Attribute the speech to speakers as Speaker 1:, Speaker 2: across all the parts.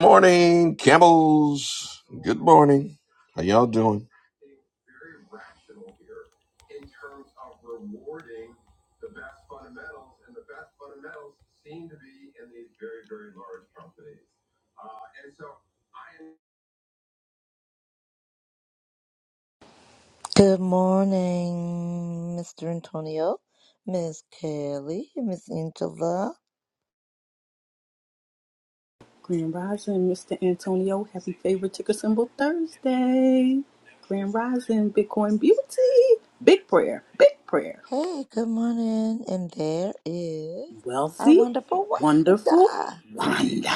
Speaker 1: Morning, Campbells. Good morning. How y'all doing?
Speaker 2: Good morning, Mr. Antonio, Miss Kelly, Miss Angela.
Speaker 3: Grand Rising, Mr. Antonio. Happy favorite ticker symbol Thursday. Grand Rising, Bitcoin Beauty. Big prayer, big prayer.
Speaker 2: Hey, good morning. And there is our
Speaker 3: Wealthy,
Speaker 2: wonderful
Speaker 3: wonderful,
Speaker 2: Wanda.
Speaker 3: Wanda,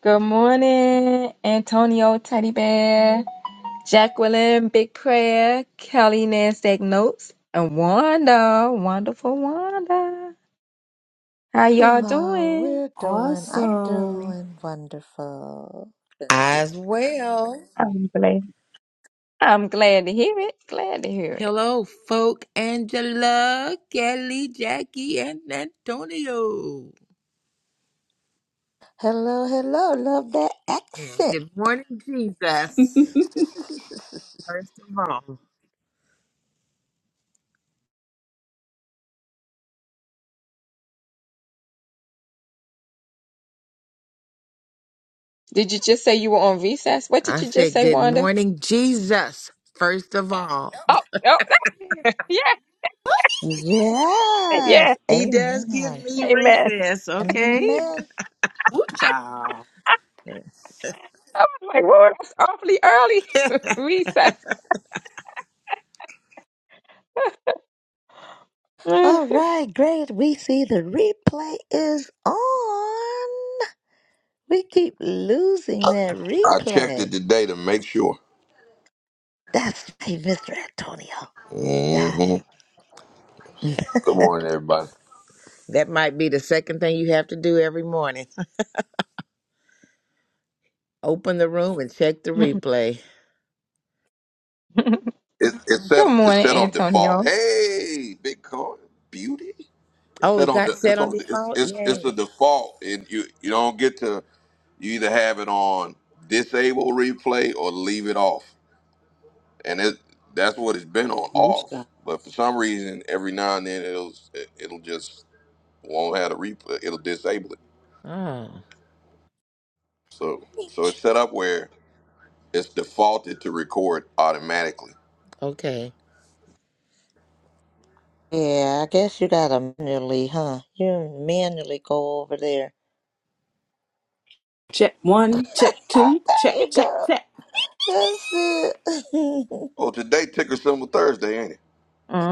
Speaker 4: Good morning, Antonio Teddy Bear, Jacqueline Big Prayer, Kelly Nasdaq Notes, and Wanda, wonderful Wanda. How y'all
Speaker 2: Hello,
Speaker 4: doing?
Speaker 2: we're doing, I'm
Speaker 3: Awesome.
Speaker 2: doing wonderful.
Speaker 5: As well.
Speaker 4: I'm glad. I'm glad to hear it. Glad to hear it.
Speaker 5: Hello, folk Angela, Kelly, Jackie, and Antonio.
Speaker 2: Hello, hello. Love that
Speaker 5: And
Speaker 2: accent.
Speaker 5: good morning, Jesus. First of all,
Speaker 4: Did you just say you were on recess? What did
Speaker 5: I
Speaker 4: you just
Speaker 5: said,
Speaker 4: say,
Speaker 5: Good
Speaker 4: Wanda?
Speaker 5: morning, Jesus. First of all,
Speaker 4: Oh, no. yeah, yeah.
Speaker 2: Yes.
Speaker 5: He does give
Speaker 2: Amen.
Speaker 5: me
Speaker 4: Amen.
Speaker 5: recess,
Speaker 2: Amen,
Speaker 5: okay?
Speaker 2: amen.
Speaker 3: Good child.
Speaker 4: I was like, whoa, that's awfully early. recess.
Speaker 2: All right, great. We see the replay is on. We keep losing that
Speaker 1: I checked
Speaker 2: replay.
Speaker 1: it today to make sure.
Speaker 2: That's hey, Mr. Antonio. Got
Speaker 1: hmm
Speaker 2: it.
Speaker 1: Good morning, everybody.
Speaker 5: That might be the second thing you have to do every morning. Open the room and check the replay.
Speaker 1: It, it's set.
Speaker 4: Good
Speaker 1: It's
Speaker 4: morning,
Speaker 1: set on default.
Speaker 4: Antonio.
Speaker 1: Hey, Bitcoin beauty. It's
Speaker 5: Oh,
Speaker 1: set
Speaker 5: it
Speaker 1: on.
Speaker 5: got
Speaker 1: The,
Speaker 5: set
Speaker 1: it's
Speaker 5: on
Speaker 1: on. It's,
Speaker 5: default?
Speaker 1: it's it's
Speaker 5: Yay.
Speaker 1: a default, and you you don't get to. You either have it on disable replay or leave it off, and it that's what it's been on
Speaker 3: Good
Speaker 1: off.
Speaker 3: child.
Speaker 1: But for some reason, every now and then it'll it, it'll just won't have a replay. It'll disable it.
Speaker 5: Oh,
Speaker 1: So so
Speaker 2: Preach.
Speaker 1: it's set up where it's defaulted to record automatically.
Speaker 5: okay.
Speaker 2: Yeah, I guess you gotta manually, huh? You manually go over there.
Speaker 3: Check one, check
Speaker 2: Ah,
Speaker 3: two,
Speaker 2: There
Speaker 3: check,
Speaker 2: you
Speaker 3: check,
Speaker 2: go.
Speaker 3: check.
Speaker 2: That's it.
Speaker 1: Oh, today ticker symbol Thursday, ain't it?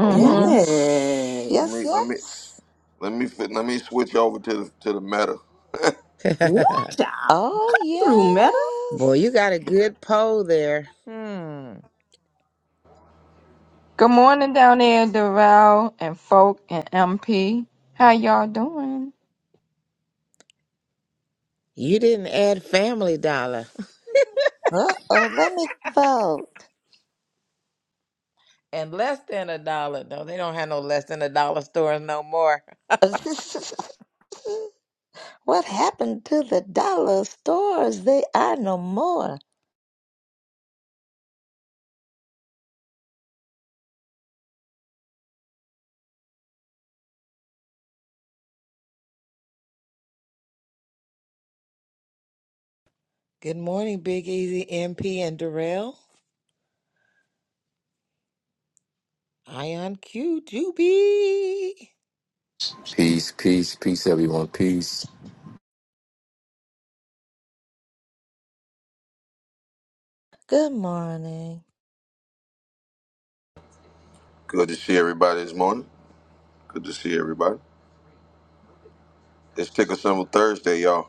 Speaker 1: Hold Yeah. on.
Speaker 2: yes.
Speaker 1: Let
Speaker 2: Yes,
Speaker 1: me
Speaker 3: Yes.
Speaker 1: let me
Speaker 2: yes.
Speaker 1: let me fit, let me switch over to the to the meta.
Speaker 3: Good child.
Speaker 2: Oh,
Speaker 3: Come through, Meta.
Speaker 2: yes.
Speaker 5: Boy, you got a good poll there. Hmm.
Speaker 4: Good morning down there, Darrell and Folk and MP. How y'all doing?
Speaker 5: You didn't add Family Dollar.
Speaker 2: Uh oh, let me vote.
Speaker 5: And less than a dollar. No, they don't have no less than a dollar stores no more.
Speaker 2: what happened to the dollar stores? They are no more.
Speaker 5: Good morning, Big Easy MP and Darrell. Ion Q Juby.
Speaker 6: Peace, peace, peace, everyone. Peace.
Speaker 2: Good morning.
Speaker 1: Good to see everybody this morning. Good to see everybody. It's ticker symbol Thursday, y'all.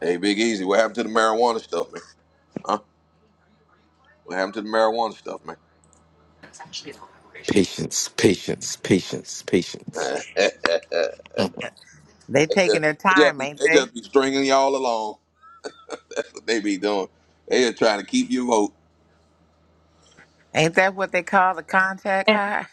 Speaker 1: Hey, Big Easy, what happened to the marijuana stuff, man? Huh? What happened to the marijuana stuff, man?
Speaker 6: Patience, patience, patience, patience.
Speaker 5: They
Speaker 1: They
Speaker 5: taking
Speaker 1: just,
Speaker 5: their
Speaker 1: they just,
Speaker 5: time,
Speaker 1: be,
Speaker 5: ain't
Speaker 1: they
Speaker 5: they?
Speaker 1: just be stringing y'all along. That's what they be doing. They just trying to keep you vote.
Speaker 5: Ain't that what they call the contact
Speaker 4: Yeah.
Speaker 5: high?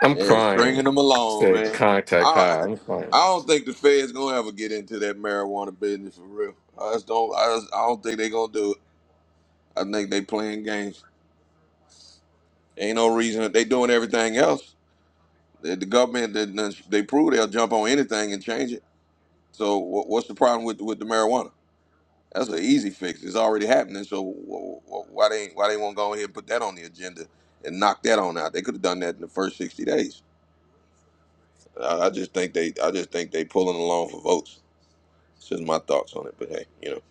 Speaker 6: I'm
Speaker 1: Yeah, stringing
Speaker 6: crying.
Speaker 1: them along,
Speaker 6: Said
Speaker 1: man.
Speaker 6: contact
Speaker 1: I
Speaker 6: high. I'm crying.
Speaker 1: I don't think the Fed's gonna ever get into that marijuana business for real. I just don't. I, just, I don't think they gonna do it. I think they playing games. Ain't no reason that they doing everything else. The, the government they, they prove they'll jump on anything and change it. So what, what's the problem with with the marijuana? That's an easy fix. It's already happening. So wh- wh- why they why they won't go ahead and put that on the agenda and knock that on out? They could have done that in the first sixty days. I, I just think they I just think they pulling along for votes. It's just my thoughts on it, but hey, you know,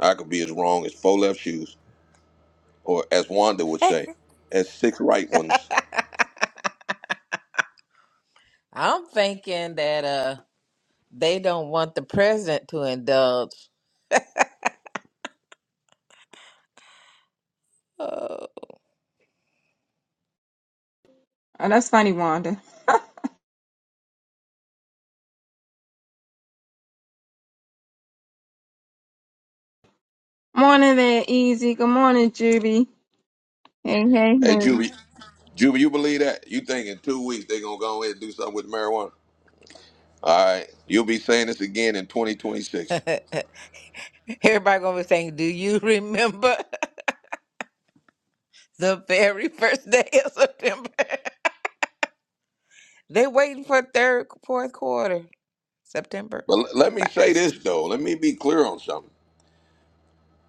Speaker 1: I could be as wrong as four left shoes, or as Wanda would say, as six right ones.
Speaker 5: I'm thinking that uh they don't want the president to indulge. Oh.
Speaker 4: Oh, that's funny, Wanda. Morning there, Easy. Good morning, Juby. Hey, hey,
Speaker 1: Hey,
Speaker 4: hey.
Speaker 1: Juvie, Juvie, you believe that? You think in two weeks they gonna go ahead and do something with marijuana? All right, you'll be saying this again in 2026.
Speaker 5: Everybody gonna be saying, Do you remember? the very first day of September. they waiting for third, fourth quarter, September
Speaker 1: But l- let me say
Speaker 5: first.
Speaker 1: this though. Let me be clear on something.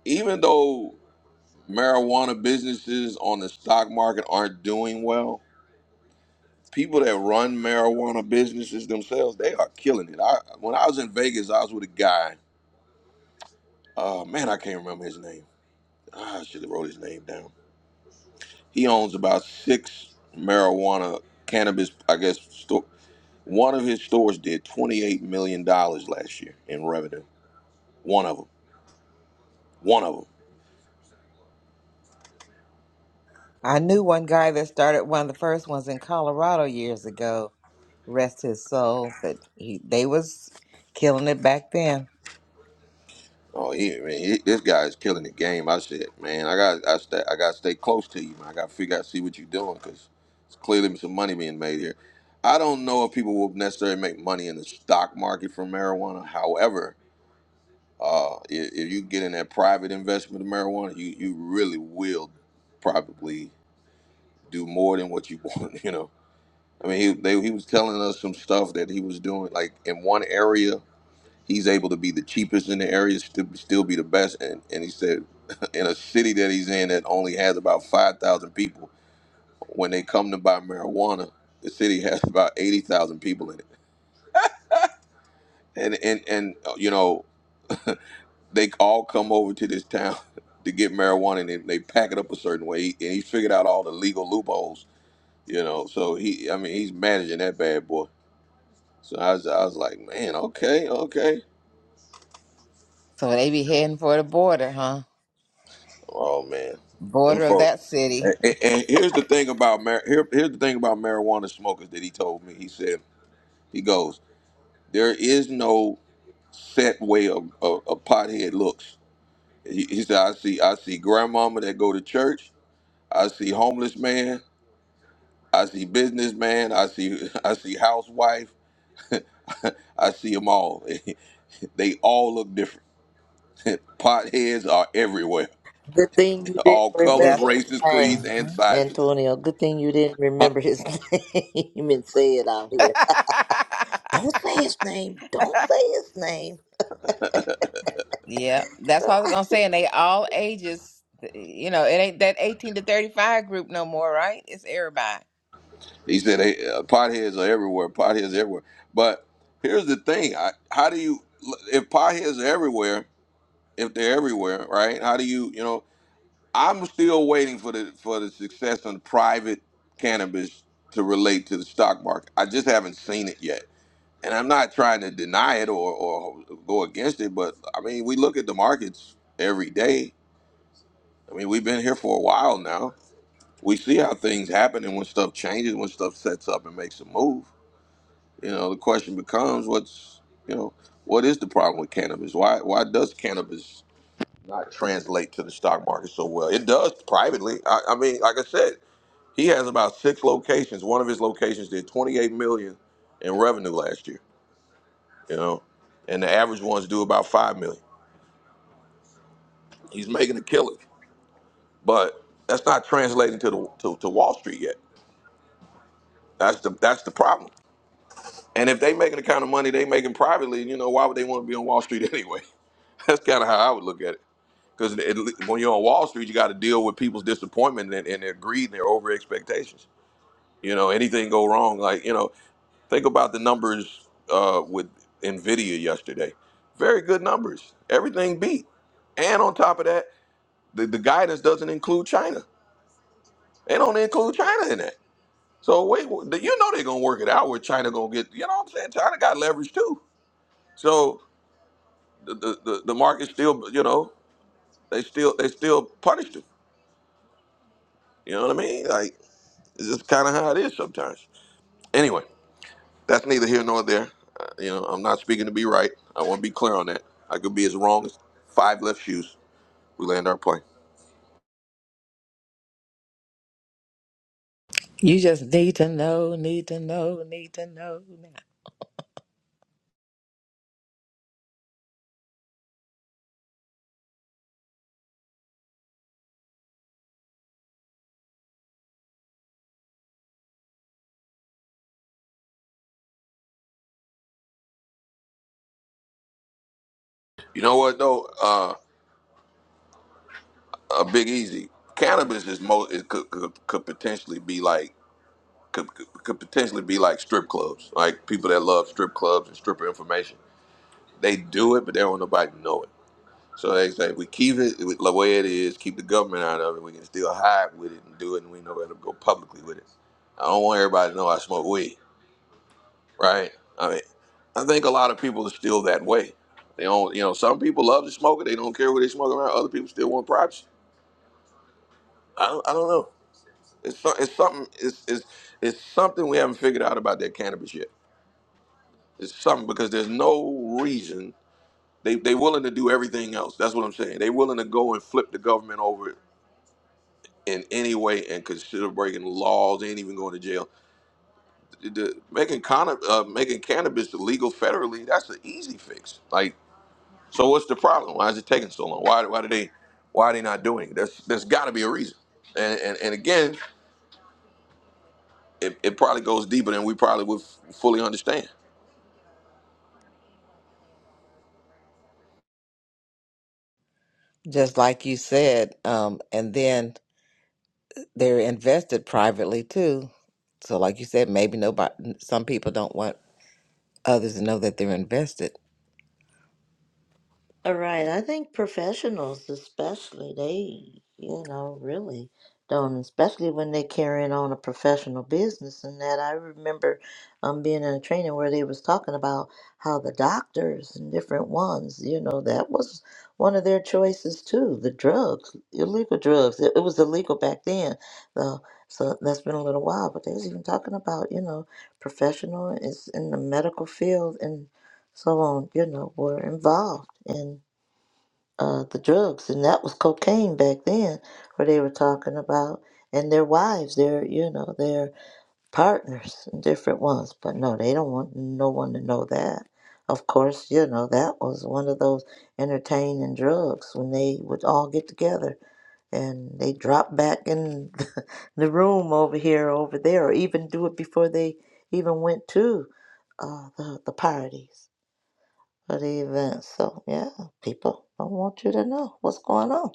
Speaker 1: Even though marijuana businesses on the stock market aren't doing well, people that run marijuana businesses themselves, they are killing it. I, when I was in Vegas, I was with a guy Uh, man, I can't remember his name. Ah, I should have wrote his name down. He owns about six marijuana cannabis, I guess. Store. One of his stores did twenty-eight million dollars last year in revenue. One of them. One of them.
Speaker 5: I knew one guy that started one of the first ones in Colorado years ago. Rest his soul, but he, they was killing it back then.
Speaker 1: Oh, yeah, man, he- this guy is killing the game. I said, man, I got, I, sta I got to stay close to you, man. I got to figure out, see what you're doing, because it's clearly some money being made here. I don't know if people will necessarily make money in the stock market from marijuana. However, Uh, if, if you get in that private investment of marijuana, you, you really will probably do more than what you want. You know, I mean, he they, he was telling us some stuff that he was doing. Like in one area, he's able to be the cheapest in the area, still still be the best. And and he said, in a city that he's in that only has about five thousand people, when they come to buy marijuana, the city has about eighty thousand people in it. And and and uh, you know they all come over to this town to get marijuana and they, they pack it up a certain way. He, and he figured out all the legal loopholes, you know. So he, I mean, he's managing that bad boy. So I was, I was like, man, okay, okay.
Speaker 5: So they be heading for the border, huh?
Speaker 1: Oh man, them
Speaker 5: Border of
Speaker 1: folks.
Speaker 5: that city.
Speaker 1: And, and, and here's the thing about mar- here, here's the thing about marijuana smokers that he told me. He said he goes, there is no set way of a, a pothead looks. He, he said, I see I see grandmama that go to church. I see homeless man. I see businessman. I see I see housewife. I see them all. they all look different. Potheads are everywhere.
Speaker 2: Good thing you didn't
Speaker 1: All
Speaker 2: remember
Speaker 1: colors,
Speaker 5: That's.
Speaker 2: his
Speaker 1: races, creeds,
Speaker 2: name,
Speaker 1: and
Speaker 5: Mhm.
Speaker 1: sizes.
Speaker 2: Antonio. Good thing you didn't
Speaker 1: Huh.
Speaker 2: remember his name and say it out here. Don't say his name. Don't say his name.
Speaker 5: Yeah, that's what I was gonna say, and they all ages. You know, it ain't that eighteen to thirty five group no more, right? It's everybody.
Speaker 1: He said hey, uh, potheads are everywhere. Potheads are everywhere. But here's the thing: I, how do you if potheads are everywhere? If they're everywhere, right? How do you you know? I'm still waiting for the for the success on private cannabis to relate to the stock market. I just haven't seen it yet and I'm not trying to deny it or, or go against it, but I mean, we look at the markets every day. I mean, we've been here for a while now. We see how things happen and when stuff changes, when stuff sets up and makes a move. You know, the question becomes, what's you know, what is the problem with cannabis? Why why does cannabis not translate to the stock market so well? It does privately. I, I mean, like I said, he has about six locations. One of his locations did 28 million in revenue last year. you know, and the average ones do about five million. He's making a killing, but that's not translating to the to, to Wall Street yet. That's the that's the problem. And if they making the kind of money they making privately, you know, why would they want to be on Wall Street anyway? That's kind of how I would look at it. Because when you're on Wall Street, you got to deal with people's disappointment and, and their greed and their over expectations. You know, anything go wrong, like you know, think about the numbers uh, with Nvidia yesterday. Very good numbers. Everything beat. And on top of that, The, the guidance doesn't include China. They don't include China in that. So wait, you know they're gonna work it out where China gonna get. You know what I'm saying? China got leverage too. So the the, the, the market still, you know, they still they still punished them. You know what I mean? Like it's just kind of how it is sometimes. Anyway, that's neither here nor there. Uh, you know, I'm not speaking to be right. I want to be clear on that. I could be as wrong as five left shoes. We land our plane.
Speaker 5: You just need to know, need to know, need to know. now.
Speaker 1: You know what though? Uh, a Big Easy. Cannabis is most it could, could could potentially be like could, could could potentially be like strip clubs, like people that love strip clubs and stripper information. They do it, but they don't want nobody to know it. So they say we keep it with the way it is, keep the government out of it. We can still hide with it and do it, and we know where to go publicly with it. I don't want everybody to know I smoke weed, right? I mean, I think a lot of people are still that way. They don't, you know, some people love to smoke it. They don't care where they smoke around. Other people still want privacy. I don't, I don't know. It's, so- it's something. It's, it's it's something we haven't figured out about that cannabis yet. It's something because there's no reason they they willing to do everything else. That's what I'm saying. They willing to go and flip the government over in any way and consider breaking laws. They ain't even going to jail. The, the- making con- uh, making cannabis illegal federally. That's an easy fix. Like, so what's the problem? Why is it taking so long? Why why do they why are they not doing it? There's there's got to be a reason. And and, and again, it, it probably goes deeper than we probably would f- fully understand.
Speaker 5: Just like you said, um, and then they're invested privately too. So, like you said, maybe nobody, some people don't want others to know that they're invested.
Speaker 2: All right, I think professionals, especially, they, you know, really don't, especially when they're carrying on a professional business. And that I remember um, being in a training where they was talking about how the doctors and different ones, you know, that was one of their choices too. The drugs, illegal drugs. It, it was illegal back then, though. So that's been a little while, but they was even talking about, you know, professional is in the medical field and so on, you know, were involved in uh, the drugs, and that was cocaine back then, where they were talking about, and their wives, their you know their partners, different ones. But no, they don't want no one to know that. Of course, you know that was one of those entertaining drugs when they would all get together and they drop back in the room over here, over there, or even do it before they even went to uh, the the parties for the event. So yeah, people, I want you to know what's going on.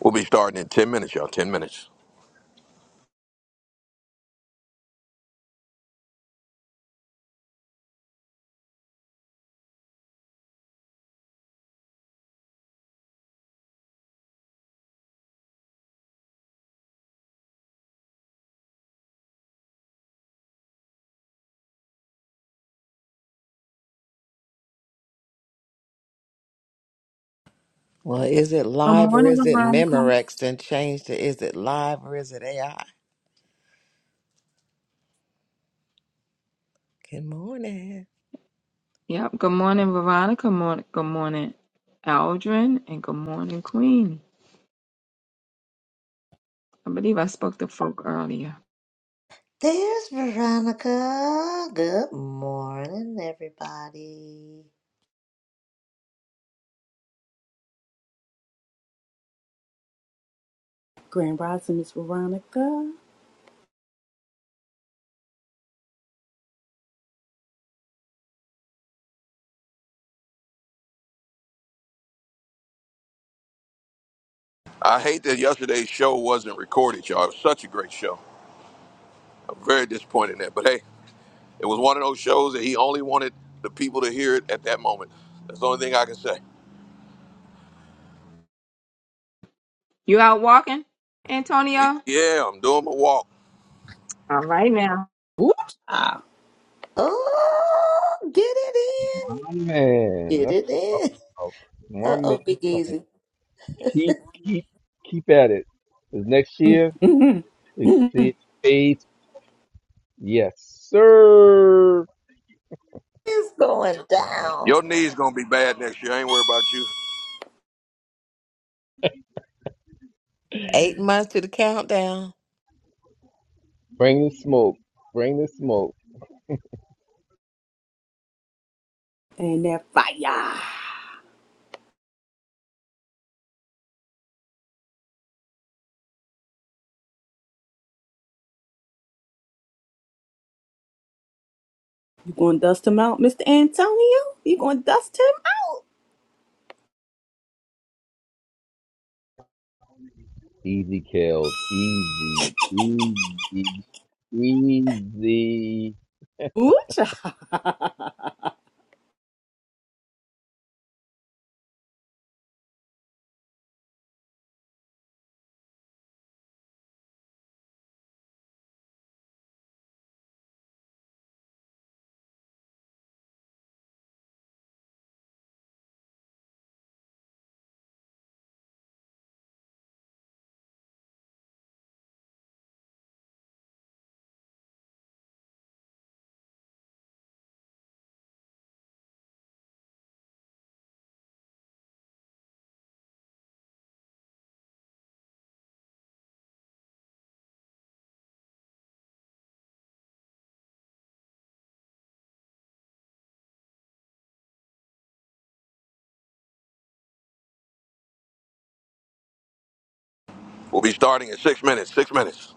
Speaker 1: We'll be starting in 10 minutes, y'all. 10 minutes.
Speaker 5: Well, is it
Speaker 4: Good
Speaker 5: live or
Speaker 4: morning,
Speaker 5: is it
Speaker 4: Veronica.
Speaker 5: Memorex? And change to is it live or is it AI? Good morning.
Speaker 4: Yep. Good morning, Veronica. Morning. Good morning, Aldrin, and good morning, Queen. I believe I spoke to Folk earlier.
Speaker 2: There's Veronica. Good morning, everybody.
Speaker 3: Grand Rising, Miss Veronica.
Speaker 1: I hate that yesterday's show wasn't recorded, y'all. It was such a great show. I'm very disappointed in that. But hey, it was one of those shows that he only wanted the people to hear it at that moment. That's the only thing I can say.
Speaker 4: You out walking, Antonio?
Speaker 1: Yeah, I'm doing my walk.
Speaker 4: All right now.
Speaker 3: Good child.
Speaker 2: Oh, get it
Speaker 6: My
Speaker 2: in,
Speaker 6: man,
Speaker 2: get
Speaker 6: that's
Speaker 2: it in.
Speaker 6: oh, my
Speaker 2: Uh
Speaker 6: man.
Speaker 2: oh,
Speaker 6: is
Speaker 2: Big
Speaker 6: saying
Speaker 2: Easy,
Speaker 6: Keep, keep, keep at it. 'Cause next year, you can see it fades. Yes, sir.
Speaker 2: it's going down.
Speaker 1: Your knee's going to be bad next year. I ain't worried about you.
Speaker 5: Eight months to the countdown.
Speaker 6: Bring the smoke. Bring the smoke.
Speaker 3: And that fire. You gonna dust him out, Mr. Antonio? You gonna dust him out?
Speaker 6: Easy kills. Easy, easy, easy.
Speaker 3: Ooh-cha,
Speaker 1: We'll be starting in six minutes. Six minutes.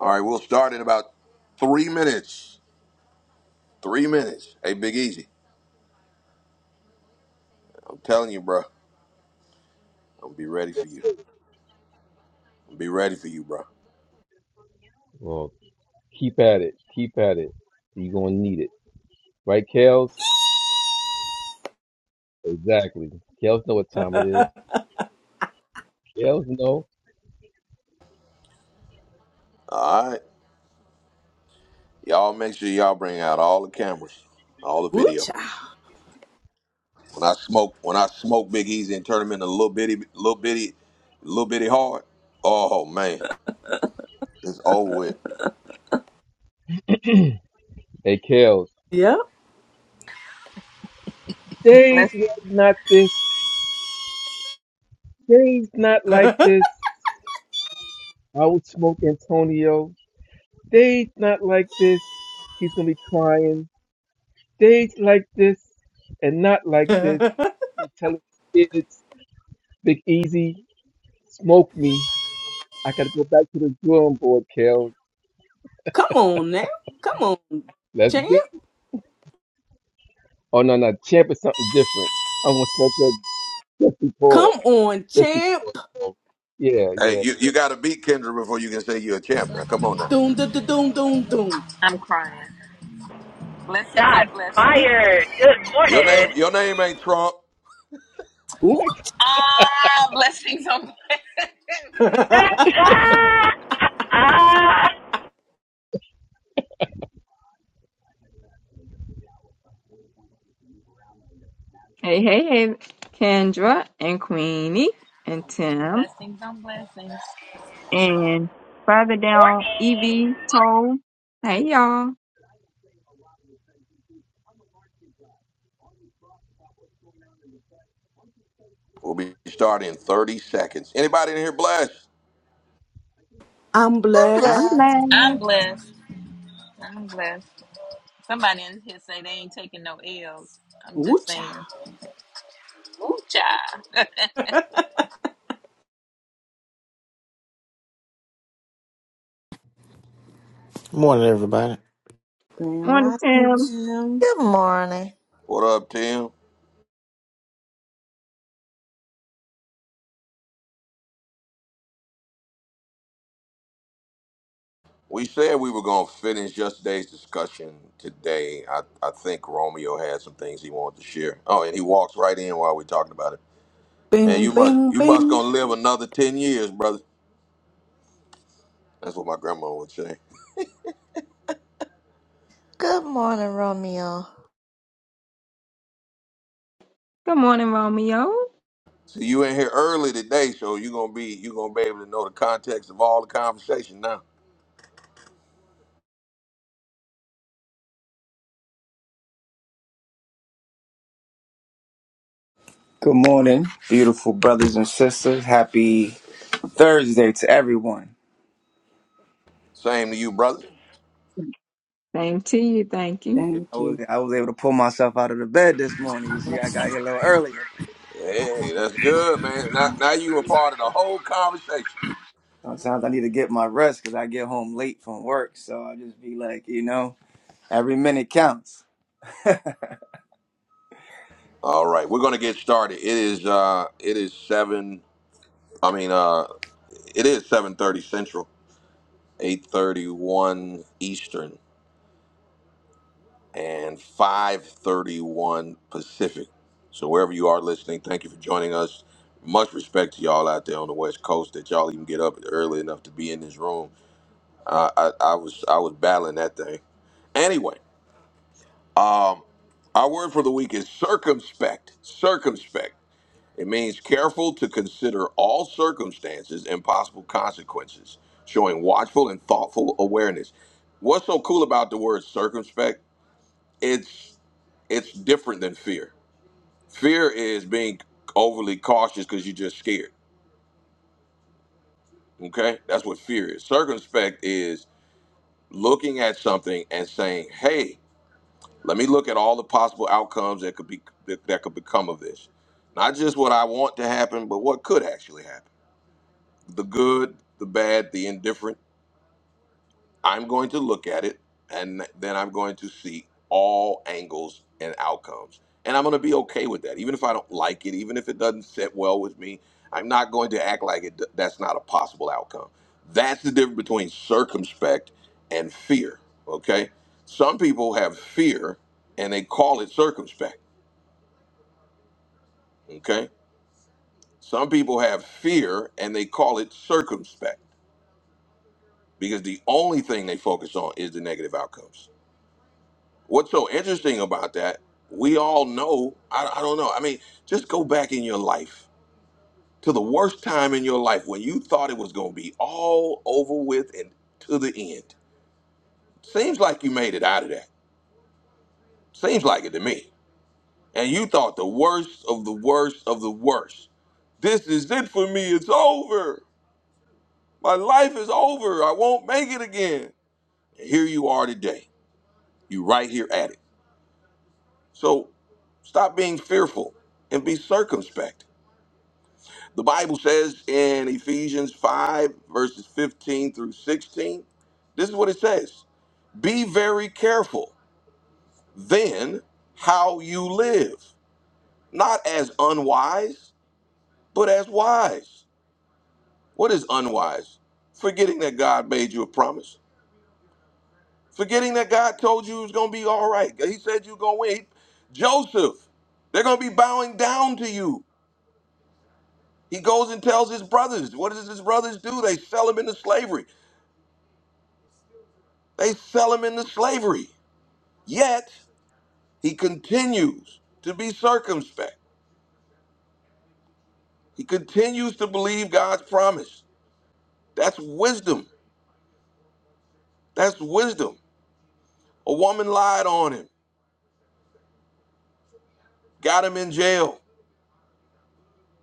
Speaker 1: All right, we'll start in about three minutes. Three minutes. Hey, Big Easy. I'm telling you, bro. I'm going to be ready for you. I'm going to be ready for you, bro.
Speaker 6: Keep at it. Keep at it. You're gonna need it. Right, Kales? Exactly. Kales know what time it is. Kales know.
Speaker 1: All right. Y'all make sure y'all bring out all the cameras, all the video.
Speaker 3: ooh-cha.
Speaker 1: When I smoke, when I smoke Big Easy and turn him into a little bitty, little bitty, little bitty hard. Oh man, it's over with.
Speaker 6: Hey Kales.
Speaker 3: Yep.
Speaker 6: Days
Speaker 7: Bless,
Speaker 6: was not this. Days not like this. I would smoke Antonio. Days not like this. He's gonna be crying. Days like this and not like this. And telling kids, Big Easy, smoke me. I gotta go back to the drawing board, Kales.
Speaker 3: Come on now. Come on,
Speaker 6: Let's go.
Speaker 3: champ.
Speaker 6: Oh no, no, champ is something different. I'm gonna smoke that just before,
Speaker 3: Come on,
Speaker 6: just
Speaker 3: champ.
Speaker 6: before. Yeah,
Speaker 1: Hey,
Speaker 6: yeah.
Speaker 1: you, you got to beat Kendra before you can say you're a champ. Now come on now.
Speaker 3: Doom, da, da, doom, doom, doom.
Speaker 7: I'm crying. Blessings on
Speaker 8: Shots
Speaker 7: blessings.
Speaker 8: fired. Good
Speaker 1: Your
Speaker 8: morning.
Speaker 1: name your name ain't Trump.
Speaker 3: Ooh.
Speaker 7: Ah, blessings on blessings.
Speaker 4: Hey, hey, hey, Kendra and Queenie and Tim
Speaker 7: Blessings on blessings.
Speaker 4: And further down,
Speaker 8: morning.
Speaker 4: Evie Toll. Hey y'all.
Speaker 1: We'll be starting in 30 seconds. Anybody in here blessed?
Speaker 3: I'm
Speaker 2: I'm
Speaker 4: I'm
Speaker 3: blessed.
Speaker 2: blessed.
Speaker 7: I'm
Speaker 4: last.
Speaker 7: blessed. I'm blessed. Somebody in here say they ain't taking no L's. I'm just saying.
Speaker 3: Ooh-cha.
Speaker 7: Ooh, child.
Speaker 9: Morning, everybody.
Speaker 3: Grand
Speaker 4: Morning,
Speaker 3: Rising
Speaker 4: Tim.
Speaker 3: Jim.
Speaker 2: Good morning.
Speaker 1: What up, Tim? We said we were gonna finish yesterday's discussion today. I, I think Romeo had some things he wanted to share. Oh, and he walks right in while we're talking about it. Man,
Speaker 3: Bing,
Speaker 1: you must
Speaker 3: bing,
Speaker 1: you must
Speaker 3: bing.
Speaker 1: gonna live another ten years, brother. That's what my grandma would say.
Speaker 2: Good morning, Romeo.
Speaker 4: Good morning, Romeo.
Speaker 1: So you in here early today, so you gonna be you gonna be able to know the context of all the conversation now.
Speaker 10: Good morning, beautiful brothers and sisters. Happy Thursday to everyone.
Speaker 1: Same to you, brother.
Speaker 4: Same to you, thank you.
Speaker 10: I
Speaker 3: Thank
Speaker 10: was
Speaker 3: you.
Speaker 10: I was able to pull myself out of the bed this morning. You see, I got
Speaker 7: Blessings
Speaker 10: here a little earlier.
Speaker 1: Hey, that's good, man. Now, now you a part of the whole conversation.
Speaker 10: Sometimes I need to get my rest because I get home late from work. So I just be like, you know, every minute counts.
Speaker 1: All right, we're gonna get started. It is uh it is seven I mean uh it is seven thirty central, eight thirty one eastern. and 5:31 Pacific. So wherever you are listening, thank you for joining us. Much respect to y'all out there on the West Coast that y'all even get up early enough to be in this room. Uh, I, I was I was battling that thing. Anyway, um, our word for the week is circumspect. Circumspect. It means careful to consider all circumstances and possible consequences, showing watchful and thoughtful awareness. What's so cool about the word circumspect? it's it's different than fear. Fear is being overly cautious because you're just scared. Okay, that's what fear is. Circumspect is looking at something and saying, "Hey, let me look at all the possible outcomes that could be that, that could become of this. Not just what I want to happen, but what could actually happen. The good, the bad, the indifferent." I'm going to look at it and then I'm going to see all angles and outcomes. And I'm going to be okay with that. Even if I don't like it, even if it doesn't sit well with me, I'm not going to act like it that's not a possible outcome. That's the difference between circumspect and fear, okay? Some people have fear and they call it circumspect, okay? Some people have fear and they call it circumspect because the only thing they focus on is the negative outcomes. What's so interesting about that? We all know. I, I don't know. I mean, just go back in your life to the worst time in your life when you thought it was going to be all over with and to the end. Seems like you made it out of that. Seems like it to me. And you thought the worst of the worst of the worst. This is it for me. It's over. My life is over. I won't make it again. And here you are today. You right here at it. So stop being fearful and be circumspect The Bible says in Ephesians 5, verses 15 through 16, this is what it says Be very careful then how you live, not as unwise, but as wise. What is unwise? Forgetting that God made you a promise, forgetting that God told you it was going to be all right. He said you're going to win. He- Joseph, they're going to be bowing down to you. He goes and tells his brothers. What does his brothers do? They sell him into slavery. They sell him into slavery. Yet, he continues to be circumspect. He continues to believe God's promise. That's wisdom. That's wisdom. A woman lied on him, got him in jail.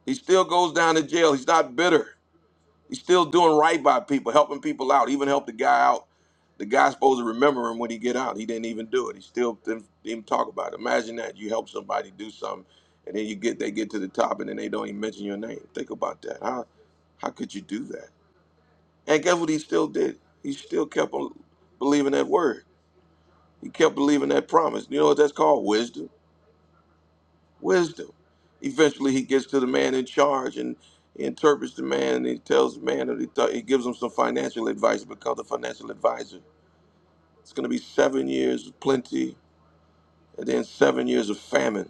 Speaker 1: He still goes down to jail. He's not bitter. He's still doing right by people, helping people out. Even helped the guy out. The guy's supposed to remember him when he get out. He didn't even do it. He still didn't even talk about it. Imagine that you help somebody do something, and then you get they get to the top, and then they don't even mention your name. Think about that. How how could you do that? And guess what? He still did. He still kept on believing that word. He kept believing that promise. You know what that's called? Wisdom wisdom. Eventually, he gets to the man in charge and he interprets the man and he tells the man that he, thought he gives him some financial advice, becomes a financial advisor. It's going to be seven years of plenty and then seven years of famine.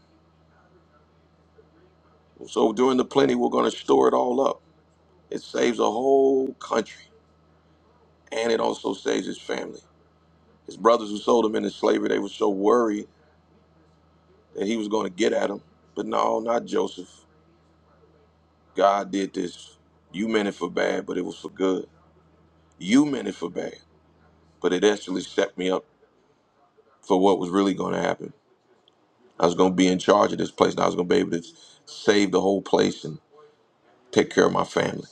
Speaker 1: So during the plenty, we're going to store it all up. It saves a whole country and it also saves his family. His brothers who sold him into slavery, they were so worried that he was going to get at him. But no, not Joseph. God did this. You meant it for bad, but it was for good. You meant it for bad. but it actually set me up for what was really going to happen. I was going to be in charge of this place, and I was going to be able to save the whole place and take care of my family.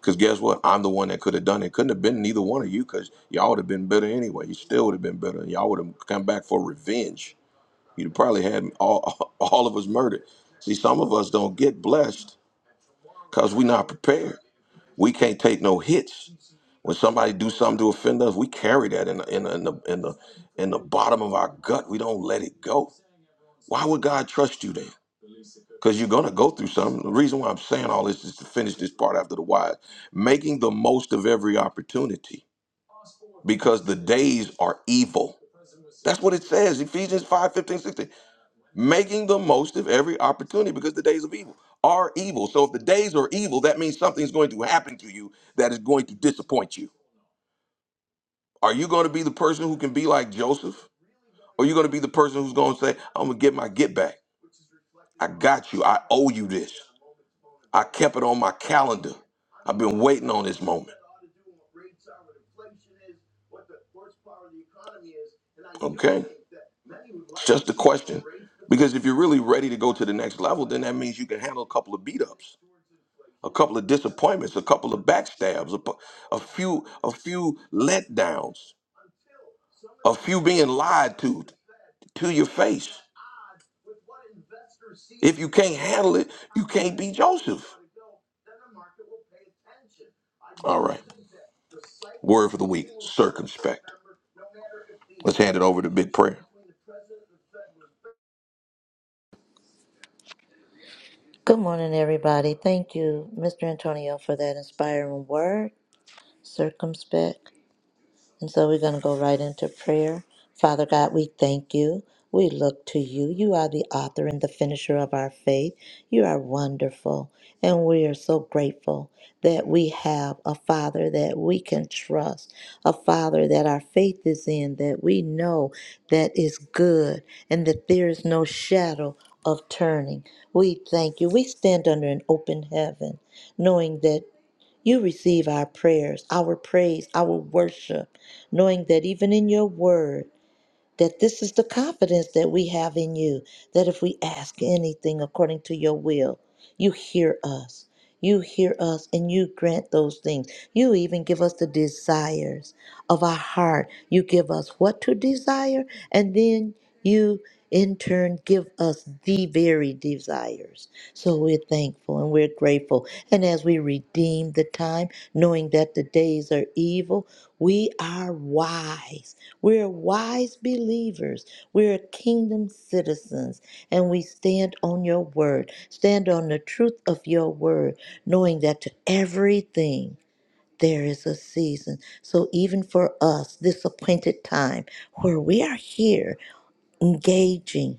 Speaker 1: Because guess what? I'm the one that could have done it. Couldn't have been neither one of you, because y'all would have been better anyway. You still would have been better. Y'all would have come back for revenge. You'd have probably had all all of us murdered. See, some of us don't get blessed because we're not prepared. We can't take no hits. When somebody do something to offend us, we carry that in the, in the, in the, in the, in the bottom of our gut. We don't let it go. Why would God trust you then? Because you're going to go through something. The reason why I'm saying all this is to finish this part after the wise. Making the most of every opportunity because the days are evil. That's what it says, Ephesians 5 15 16. Making the most of every opportunity because the days of evil are evil. So if the days are evil, that means something's going to happen to you that is going to disappoint you Are you going to be the person who can be like Joseph? Or are you going to be the person who's going to say, I'm going to get my get back? I got you. I owe you this. I kept it on my calendar. I've been waiting on this moment. Okay. It's just a question. Because if you're really ready to go to the next level, then that means you can handle a couple of beat ups, a couple of disappointments, a couple of backstabs, a, pu- a few, a few letdowns, a few being lied to. to your face. If you can't handle it, you can't be Joseph. All right. Word for the week circumspect. Let's hand it over to big prayer.
Speaker 2: Good morning, everybody. Thank you, Mr. Antonio, for that inspiring word. Circumspect. And so we're going to go right into prayer. Father God, we thank you. We look to you. You are the author and the finisher of our faith. You are wonderful. And we are so grateful that we have a Father that we can trust, a Father that our faith is in, that we know that is good and that there is no shadow of turning. We thank you. We stand under an open heaven, knowing that. You receive our prayers, our praise, our worship, knowing that even in your word, that this is the confidence that we have in you, that if we ask anything according to your will, you hear us. You hear us and you grant those things. You even give us the desires of our heart. You give us what to desire, and then you in turn give us the very desires. So we're thankful and we're grateful. And as we redeem the time, knowing that the days are evil, we are wise we're wise believers. We're kingdom citizens, and we stand on your word, stand on the truth of your word, knowing that to everything there is a season. So, even for us, this appointed time where we are here engaging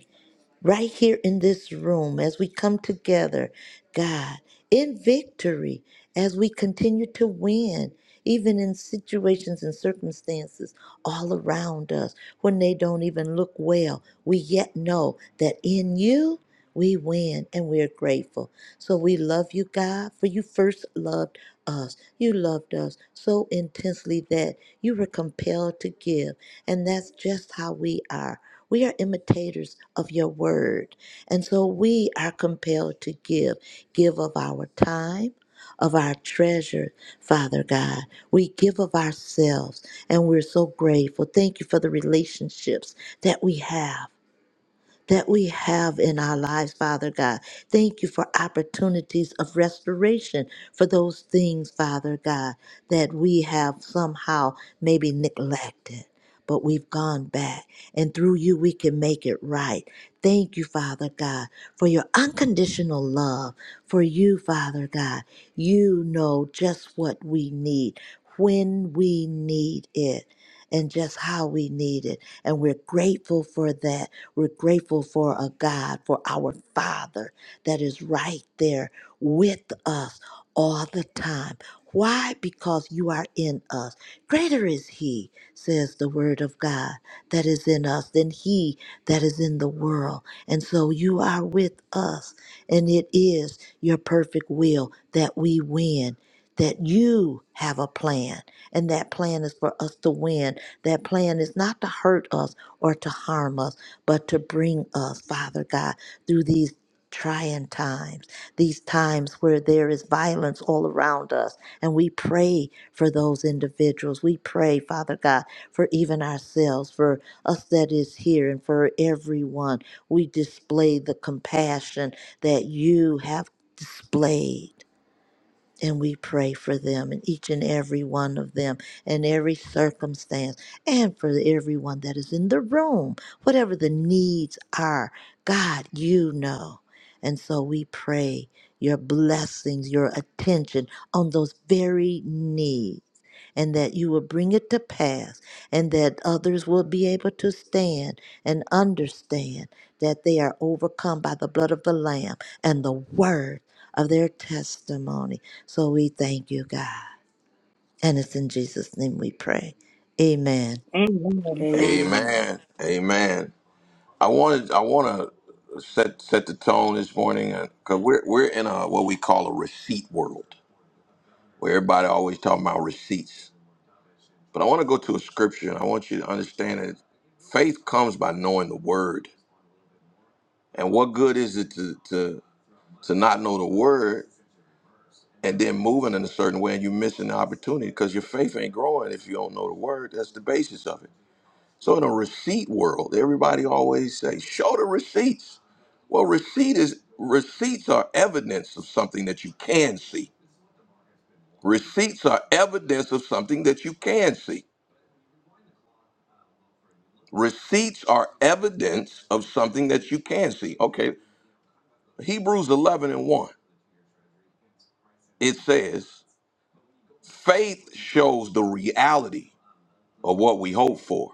Speaker 2: right here in this room as we come together, God, in victory, as we continue to win, even in situations and circumstances all around us when they don't even look well, we yet know that in you we win and we are grateful. So we love you, God, for you first loved us. You loved us so intensely that you were compelled to give. And that's just how we are. We are imitators of your word. And so we are compelled to give, give of our time. Of our treasure, Father God. We give of ourselves and we're so grateful. Thank you for the relationships that we have that we have in our lives, Father God. Thank you for opportunities of restoration for those things, Father God, that we have somehow maybe neglected. But we've gone back, and through you, we can make it right. Thank you, Father God, for your unconditional love. For you, Father God, you know just what we need, when we need it, and just how we need it. And we're grateful for that we're grateful for a God, for our Father that is right there with us all the time. Why? Because you are in us. Greater is He, says the Word of God, that is in us than He that is in the world. And so you are with us. And it is your perfect will that we win, that you have a plan. And that plan is for us to win. That plan is not to hurt us or to harm us but to bring us, Father God, through these trying times, these times where there is violence all around us. And we pray for those individuals. We pray, Father God, for even ourselves, for us that is here, and for everyone. We display the compassion that you have displayed. And we pray for them and each and every one of them and every circumstance and for everyone that is in the room, whatever the needs are. God, you know. And so we pray your blessings, your attention on those very needs and that you will bring it to pass, and that others will be able to stand and understand that they are overcome by the blood of the Lamb and the word of their testimony. So we thank you, God. And it's in Jesus' name we pray. Amen.
Speaker 4: Amen.
Speaker 3: Amen.
Speaker 1: Amen. Amen. I wanted I want to set set the tone this morning because we're we're in a what we call a receipt world where everybody always talking about receipts. But I want to go to a scripture and I want you to understand that faith comes by knowing the word. And what good is it to to to not know the word and then moving in a certain way and you're missing the opportunity because your faith ain't growing if you don't know the word that's the basis of it so in a receipt world everybody always say show the receipts well receipt is receipts are evidence of something that you can see receipts are evidence of something that you can see receipts are evidence of something that you can see okay hebrews 11 and 1 it says faith shows the reality of what we hope for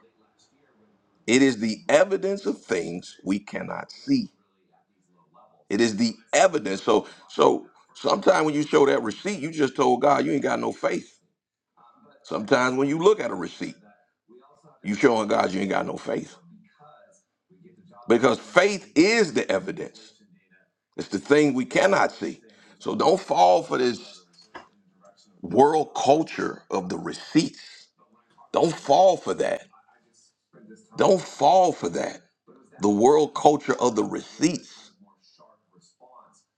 Speaker 1: It is the evidence of things we cannot see. It is the evidence. So so sometimes when you show that receipt, you just told God you ain't got no faith. Sometimes when you look at a receipt, you showing God you ain't got no faith. Because faith is the evidence. It's the thing we cannot see. So don't fall for this world culture of the receipts. Don't fall for that. Don't fall for that. The world culture of the receipts.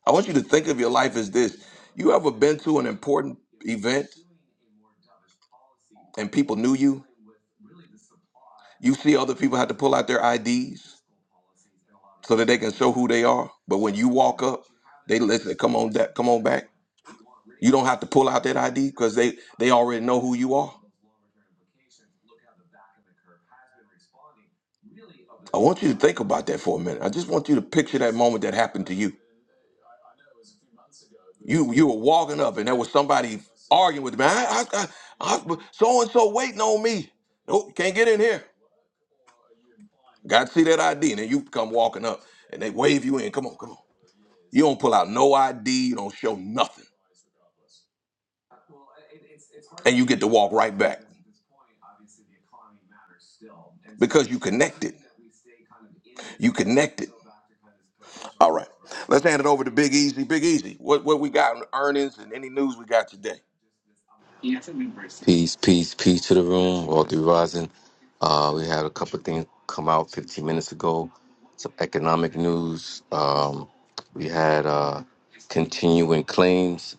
Speaker 1: I want you to think of your life as this. You ever been to an important event and people knew you? You see other people have to pull out their IDs so that they can show who they are. But when you walk up, they listen, come on that come on back. You don't have to pull out that ID because they they already know who you are. I want you to think about that for a minute. I just want you to picture that moment that happened to you. You you were walking up and there was somebody arguing with me. I, I, I, I so and so waiting on me. Nope, can't get in here. Got to see that ID, and then you come walking up, and they wave you in. Come on, come on. You don't pull out no ID. You don't show nothing, and you get to walk right back because you connected. You connected. All right, let's hand it over to Big Easy. Big Easy, what what we got in earnings and any news we got today?
Speaker 6: Peace, peace, peace to the room. Walter Rising. Uh, we had a couple of things come out 15 minutes ago. Some economic news. Um, we had uh, continuing claims,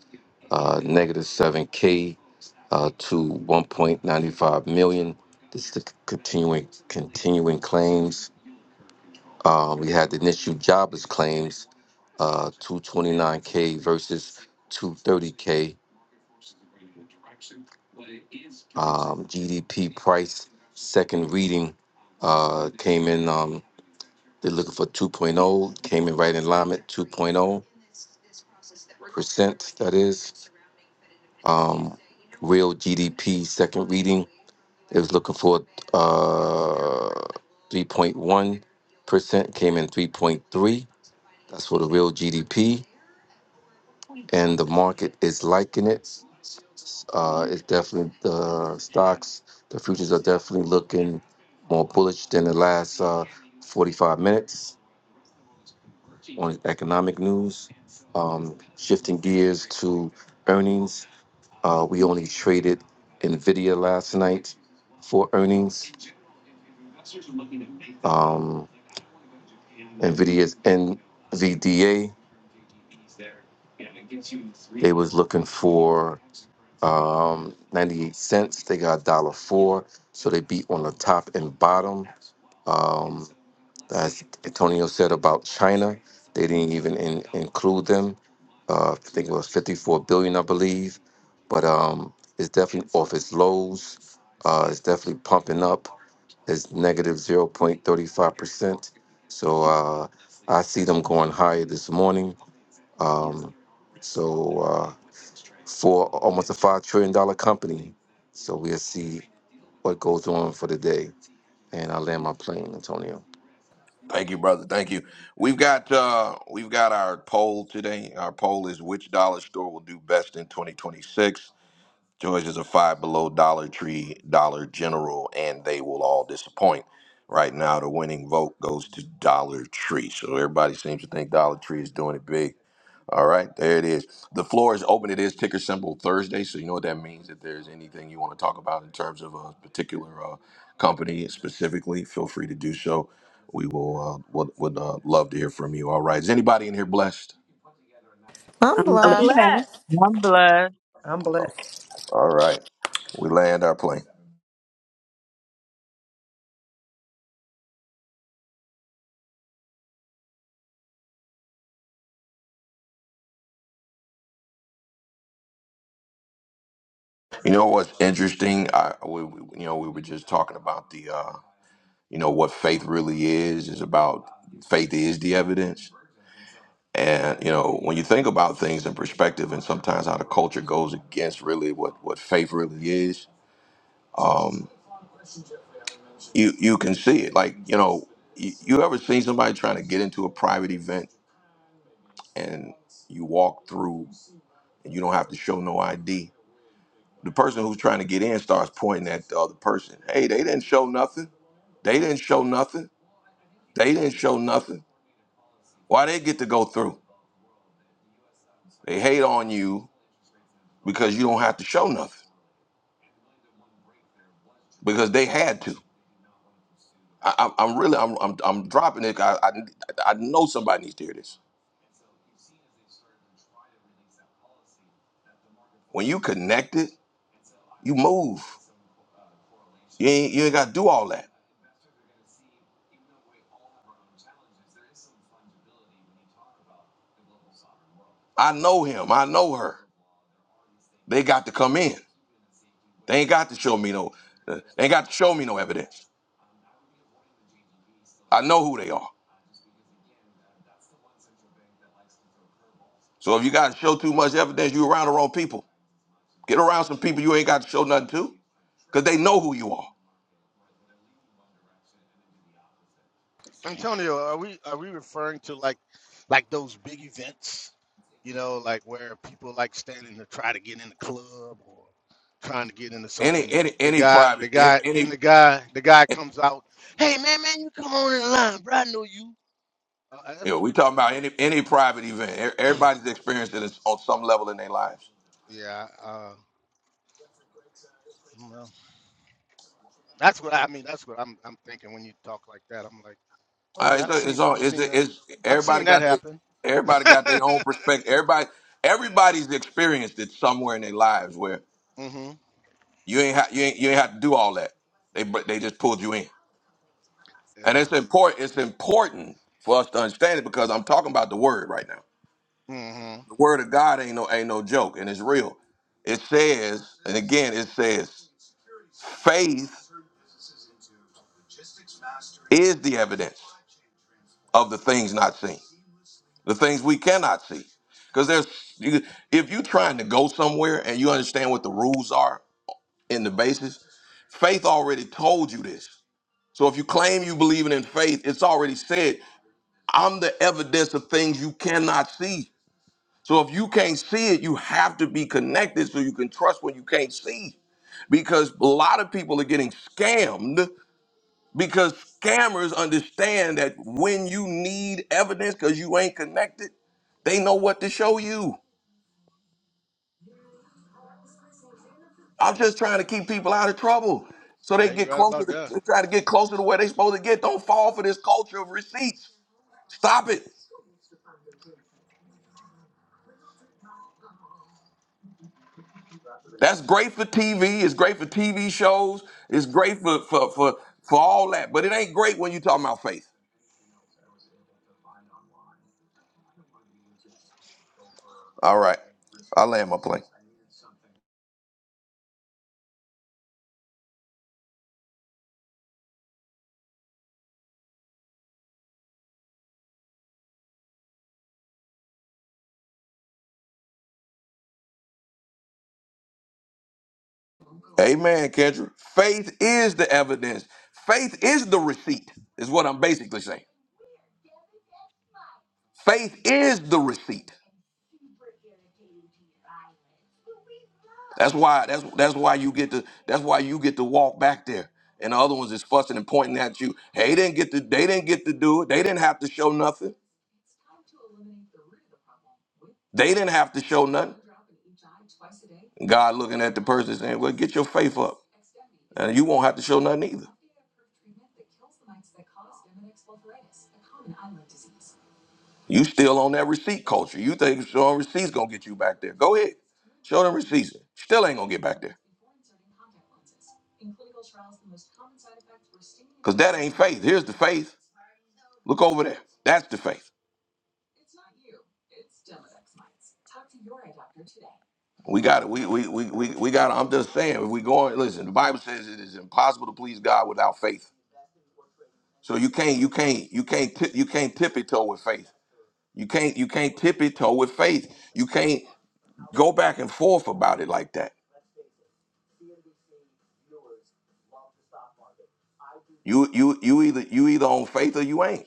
Speaker 6: uh, negative 7K uh, to 1.95 million. This is the continuing continuing claims. Um, we had the initial jobless claims, uh, 229K versus 230K. Um, GDP price, second reading, uh, came in, um, they're looking for 2.0, came in right in line at 2.0 that is. Um, real GDP, second reading, it was looking for uh, 3.1%, came in 3.3. That's for the real GDP, and the market is liking it. Uh, it's definitely the stocks, the futures are definitely looking more bullish than the last uh, 45 minutes on economic news. Um, shifting gears to earnings, uh, we only traded Nvidia last night for earnings. Um, Nvidia's NVDA was looking for um, 98 cents. They got one dollar four, so they beat on the top and bottom. Um, as Antonio said about China, they didn't even in, include them. Uh, I think it was 54 billion, I believe. But um, it's definitely off its lows. Uh, it's definitely pumping up. It's 0.35%. So uh, I see them going higher this morning. Um, so uh, for almost a $5 trillion dollar company. So we'll see what goes on for the day. And I land my plane, Antonio.
Speaker 1: Thank you, brother. Thank you. We've got uh we've got our poll today. Our poll is which dollar store will do best in 2026. George is a five below Dollar Tree, Dollar General, and they will all disappoint. Right now, the winning vote goes to Dollar Tree. So everybody seems to think Dollar Tree is doing it big. All right, there it is. The floor is open. It is ticker symbol Thursday. So you know what that means. If there's anything you want to talk about in terms of a particular uh, company specifically, feel free to do so. We will uh, would, would uh, love to hear from you. All right. Is anybody in here blessed?
Speaker 2: I'm
Speaker 3: I'm
Speaker 11: I'm
Speaker 3: blessed.
Speaker 2: blessed.
Speaker 4: Yes.
Speaker 11: blessed.
Speaker 12: I'm blessed.
Speaker 11: I'm blessed.
Speaker 1: All right. We land our plane. You know what's interesting? I we, we- you know we were just talking about the uh, you know what faith really is is about faith is the evidence. And you know when you think about things in perspective, and sometimes how the culture goes against really what what faith really is, you you can see it. Like you know, you, you ever seen somebody trying to get into a private event and you walk through and you don't have to show no ID. The person who's trying to get in starts pointing at the other person. Hey, they didn't show nothing. They didn't show nothing They didn't show nothing. Why they get to go through? They hate on you because you don't have to show nothing because they had to. I, I'm I'm really I'm I'm, I'm dropping it. I, I I know somebody needs to hear this. When you connected, you move. You ain't you ain't got to do all that. I know him. I know her. They got to come in. They ain't got to show me no. uh, They ain't got to show me no evidence. I know who they are. So if you got to show too much evidence, you around the wrong people. Get around some people you ain't got to show nothing to, because they know who you are.
Speaker 13: Antonio, are we are we referring to like like those big events, you know, like where people like standing to try to get in the club or trying to get into something
Speaker 1: Any
Speaker 13: and
Speaker 1: any
Speaker 13: the
Speaker 1: any
Speaker 13: guy the
Speaker 1: private any,
Speaker 13: guy then the
Speaker 1: any
Speaker 13: guy the guy
Speaker 1: you
Speaker 13: comes out, "Hey man, man, you come on in line, bro. I know you." Uh, that's
Speaker 1: know,
Speaker 13: what
Speaker 1: we
Speaker 13: we're
Speaker 1: talking
Speaker 13: talking
Speaker 1: about
Speaker 13: about?
Speaker 1: any any private event. E- Everybody's experienced it on some level in their lives.
Speaker 13: Yeah, uh well, that's what I I mean, that's what I'm I'm thinking when you talk like that. I'm like,
Speaker 1: Uh,
Speaker 13: "Okay, I've
Speaker 1: it's it's
Speaker 13: seen
Speaker 1: on
Speaker 13: I've
Speaker 1: it's
Speaker 13: seen that.
Speaker 1: it's
Speaker 13: I've seen
Speaker 1: everybody
Speaker 13: that
Speaker 1: got their
Speaker 13: happen."
Speaker 1: everybody got their own perspective. Everybody
Speaker 13: Yeah.
Speaker 1: everybody's experienced it somewhere in their lives where
Speaker 13: mhm.
Speaker 1: you ain't ha- you ain't you ain't have to do all that. They but they just pulled you in, and
Speaker 13: Yeah.
Speaker 1: it's important. It's important for us to understand it because I'm talking about the word right now.
Speaker 13: Mhm.
Speaker 1: The word of God ain't no ain't no joke, and it's real. It says, and again, it says. Faith is the evidence of the things not seen, the things we cannot see. Because there's, you- if you're trying to go somewhere and you understand what the rules are and the basis, faith already told you this. So if you claim you believing in faith, it's already said, I'm the evidence of things you cannot see. So if you can't see it, you have to be connected so you can trust what you can't see. Because a lot of people are getting scammed because scammers understand that when you need evidence because you ain't connected, they know what to show you. I'm just trying to keep people out of trouble so they
Speaker 13: Yeah, you're
Speaker 1: get
Speaker 13: right
Speaker 1: closer
Speaker 13: about
Speaker 1: to
Speaker 13: that.
Speaker 1: they try to get closer to where they supposed to get. Don't fall for this culture of receipts. Stop it. That's great for TV. It's great for TV shows. It's great for for for, for all that. But it ain't great when you talking about faith. All right. I land my plane. Amen, Kendra. Faith is the evidence. Faith is the receipt, is what I'm basically saying. Faith is the receipt. That's why that's that's why you get to that's why you get to walk back there. And the other ones is fussing and pointing at you. Hey, they didn't get to they didn't get to do it. They didn't have to show nothing. They didn't have to show nothing. God looking at the person saying, Well, get your faith up. And you won't have to show nothing either. You still on that receipt culture. You think showing receipts gonna get you back there. Go ahead. Show them receipts. Still ain't gonna get back there. Because that ain't faith. Here's the faith. Look over there. That's the faith. We got it. We we we we, we got. I'm just saying. If we going, listen. The Bible says it is impossible to please God without faith. So you can't you can't you can't tip, you can't tippy toe with faith. You can't you can't tippy toe with faith. You can't go back and forth about it like that. You you you either you either on faith or you ain't.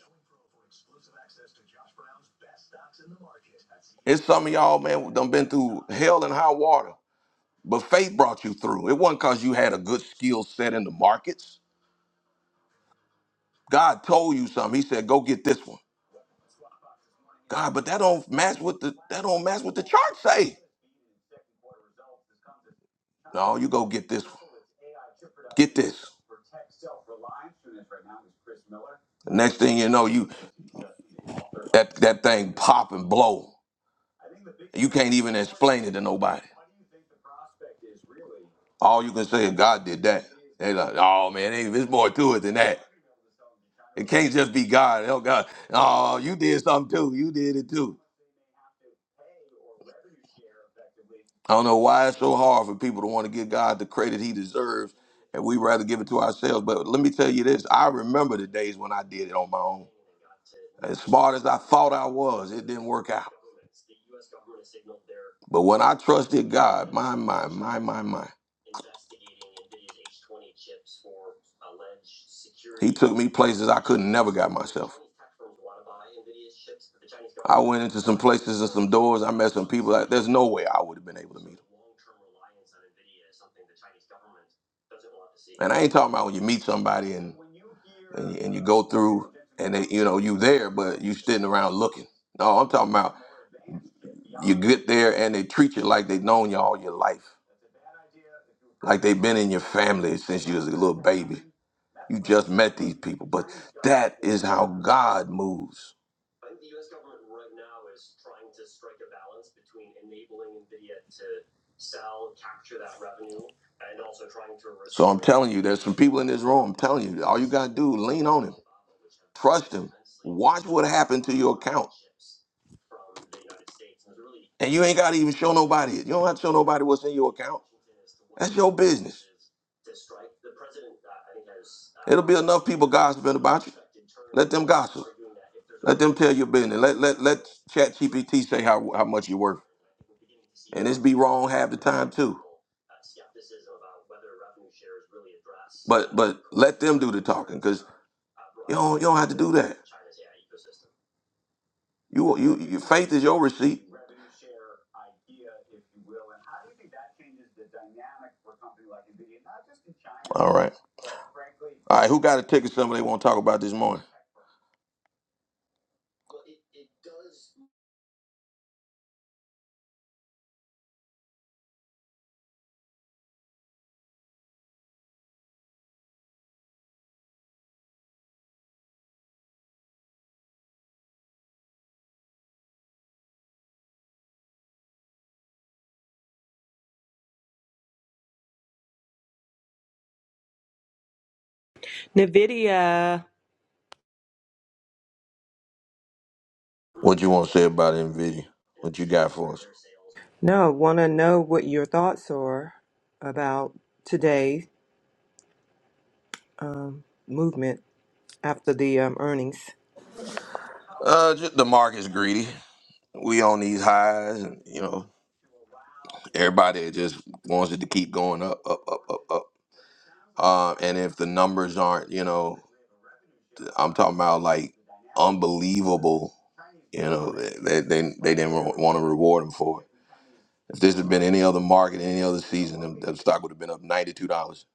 Speaker 1: It's some of y'all man done been through hell and high water, but faith brought you through. It wasn't cause you had a good skill set in the markets. God told you something. He said, "Go get this one." God, but that don't match with the that don't match what the chart say. No, you go get this one. Get this. The Next thing you know, you that that thing pop and blow. You can't even explain it to nobody. All you can say is God did that. They like, oh man, ain't there's more to it than that. It can't just be God. Oh God, oh you did something too. You did it too. I don't know why it's so hard for people to want to give God the credit He deserves, and we rather give it to ourselves. But let me tell you this: I remember the days when I did it on my own. As smart as I thought I was, it didn't work out. But when I trusted God, my, my, my, my, my, he took me places I couldn't never got myself. I went into some places and some doors. I met some people. That, there's no way I would have been able to meet them. And I ain't talking about when you meet somebody and and you, and you go through and they, you know you there but you sitting around looking no i'm talking about you get there and they treat you like they've known you all your life like they've been in your family since you was a little baby you just met these people but that is how god moves so i'm telling you there's some people in this room i'm telling you all you gotta do lean on him trust him watch what happened to your account And you ain't got to even show nobody. it. You don't have to show nobody what's in your account. That's your business. It'll be enough people gossiping about you. Let them gossip. Let them tell your business. Let let let Chat GPT say how how much you're worth. And this be wrong half the time too. But but let them do the talking because you don't you don't have to do that. You you, you faith is your receipt. All right. All right. Who got a ticket somebody want to talk about this morning?
Speaker 11: Nvidia.
Speaker 1: What you want to say about NVIDIA? What you got for us?
Speaker 11: No, want to know what your thoughts are about today's um, movement after the um, earnings.
Speaker 1: Uh, just the market's greedy. We on these highs, and you know everybody just wants it to keep going up, up, up, up, up. Um, and if the numbers aren't, you know, I'm talking about like unbelievable. You know, they they, they didn't want to reward them for it. If this had been any other market, any other season, the the stock would have been up ninety two dollars.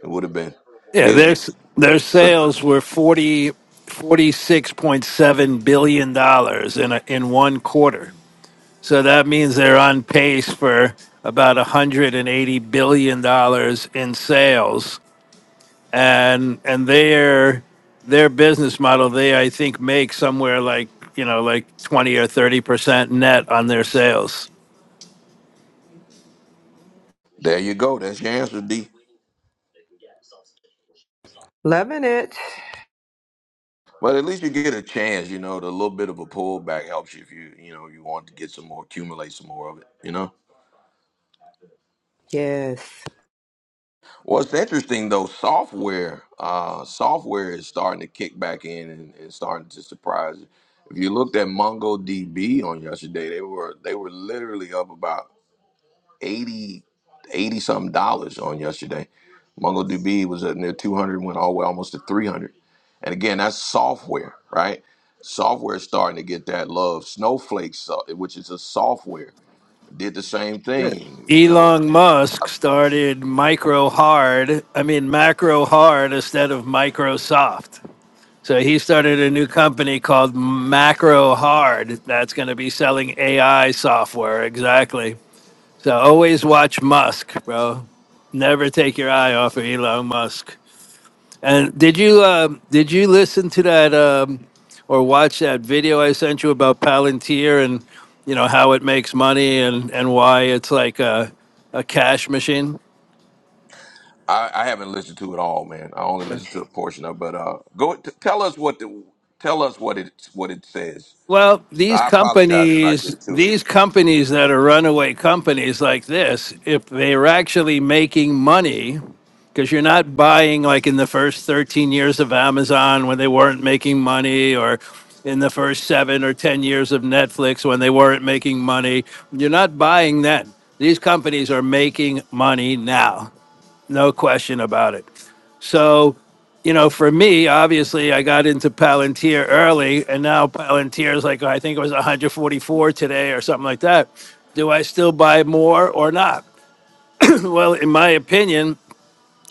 Speaker 1: It would have been.
Speaker 14: Yeah,
Speaker 1: Because
Speaker 14: their their sales were forty forty six point seven billion dollars in a, in one quarter. So that means they're on pace for about 180 billion dollars in sales and and their their business model they I think make somewhere like, you know, like 20 or 30% net on their sales.
Speaker 1: there you go. That's your answer, D.
Speaker 11: Loving it.
Speaker 1: Well, at least you get a chance. You know, the little bit of a pullback helps you if you, you know, you want to get some more, accumulate some more of it. You know.
Speaker 11: Yes.
Speaker 1: What's interesting though, software, uh, software is starting to kick back in and, and starting to surprise. you. If you looked at MongoDB on yesterday, they were they were literally up about Eighty, eighty 80 something dollars on yesterday. MongoDB was at near 200, went all the way almost to 300. And again, that's software, right? Software is starting to get that love. Snowflake, so- which is a software, did the same thing. You know,
Speaker 14: Elon Musk started micro hard, I mean macro hard instead of Microsoft So he started a new company called Macro Hard that's going to be selling AI software. Exactly. So always watch Musk, bro. Never take your eye off of Elon Musk. And did you uh, did you listen to that um, or watch that video I sent you about Palantir and you know how it makes money and and why it's like a, a cash machine?
Speaker 1: I, I haven't listened to it all, man. I only listened to a portion of. it. But uh, go t- tell us what the tell us what it what it says.
Speaker 14: Well, these
Speaker 1: I apologize for not
Speaker 14: companies,
Speaker 1: getting to it.
Speaker 14: these companies that are runaway companies like this, if they're actually making money, because you're not buying like in the first 13 years of Amazon when they weren't making money, or in the first seven or 10 years of Netflix when they weren't making money, you're not buying then. These companies are making money now. No question about it. So, you know, for me, obviously, I got into Palantir early, and now Palantir is like I think it was 144 today or something like that. Do I still buy more or not? well, in my opinion,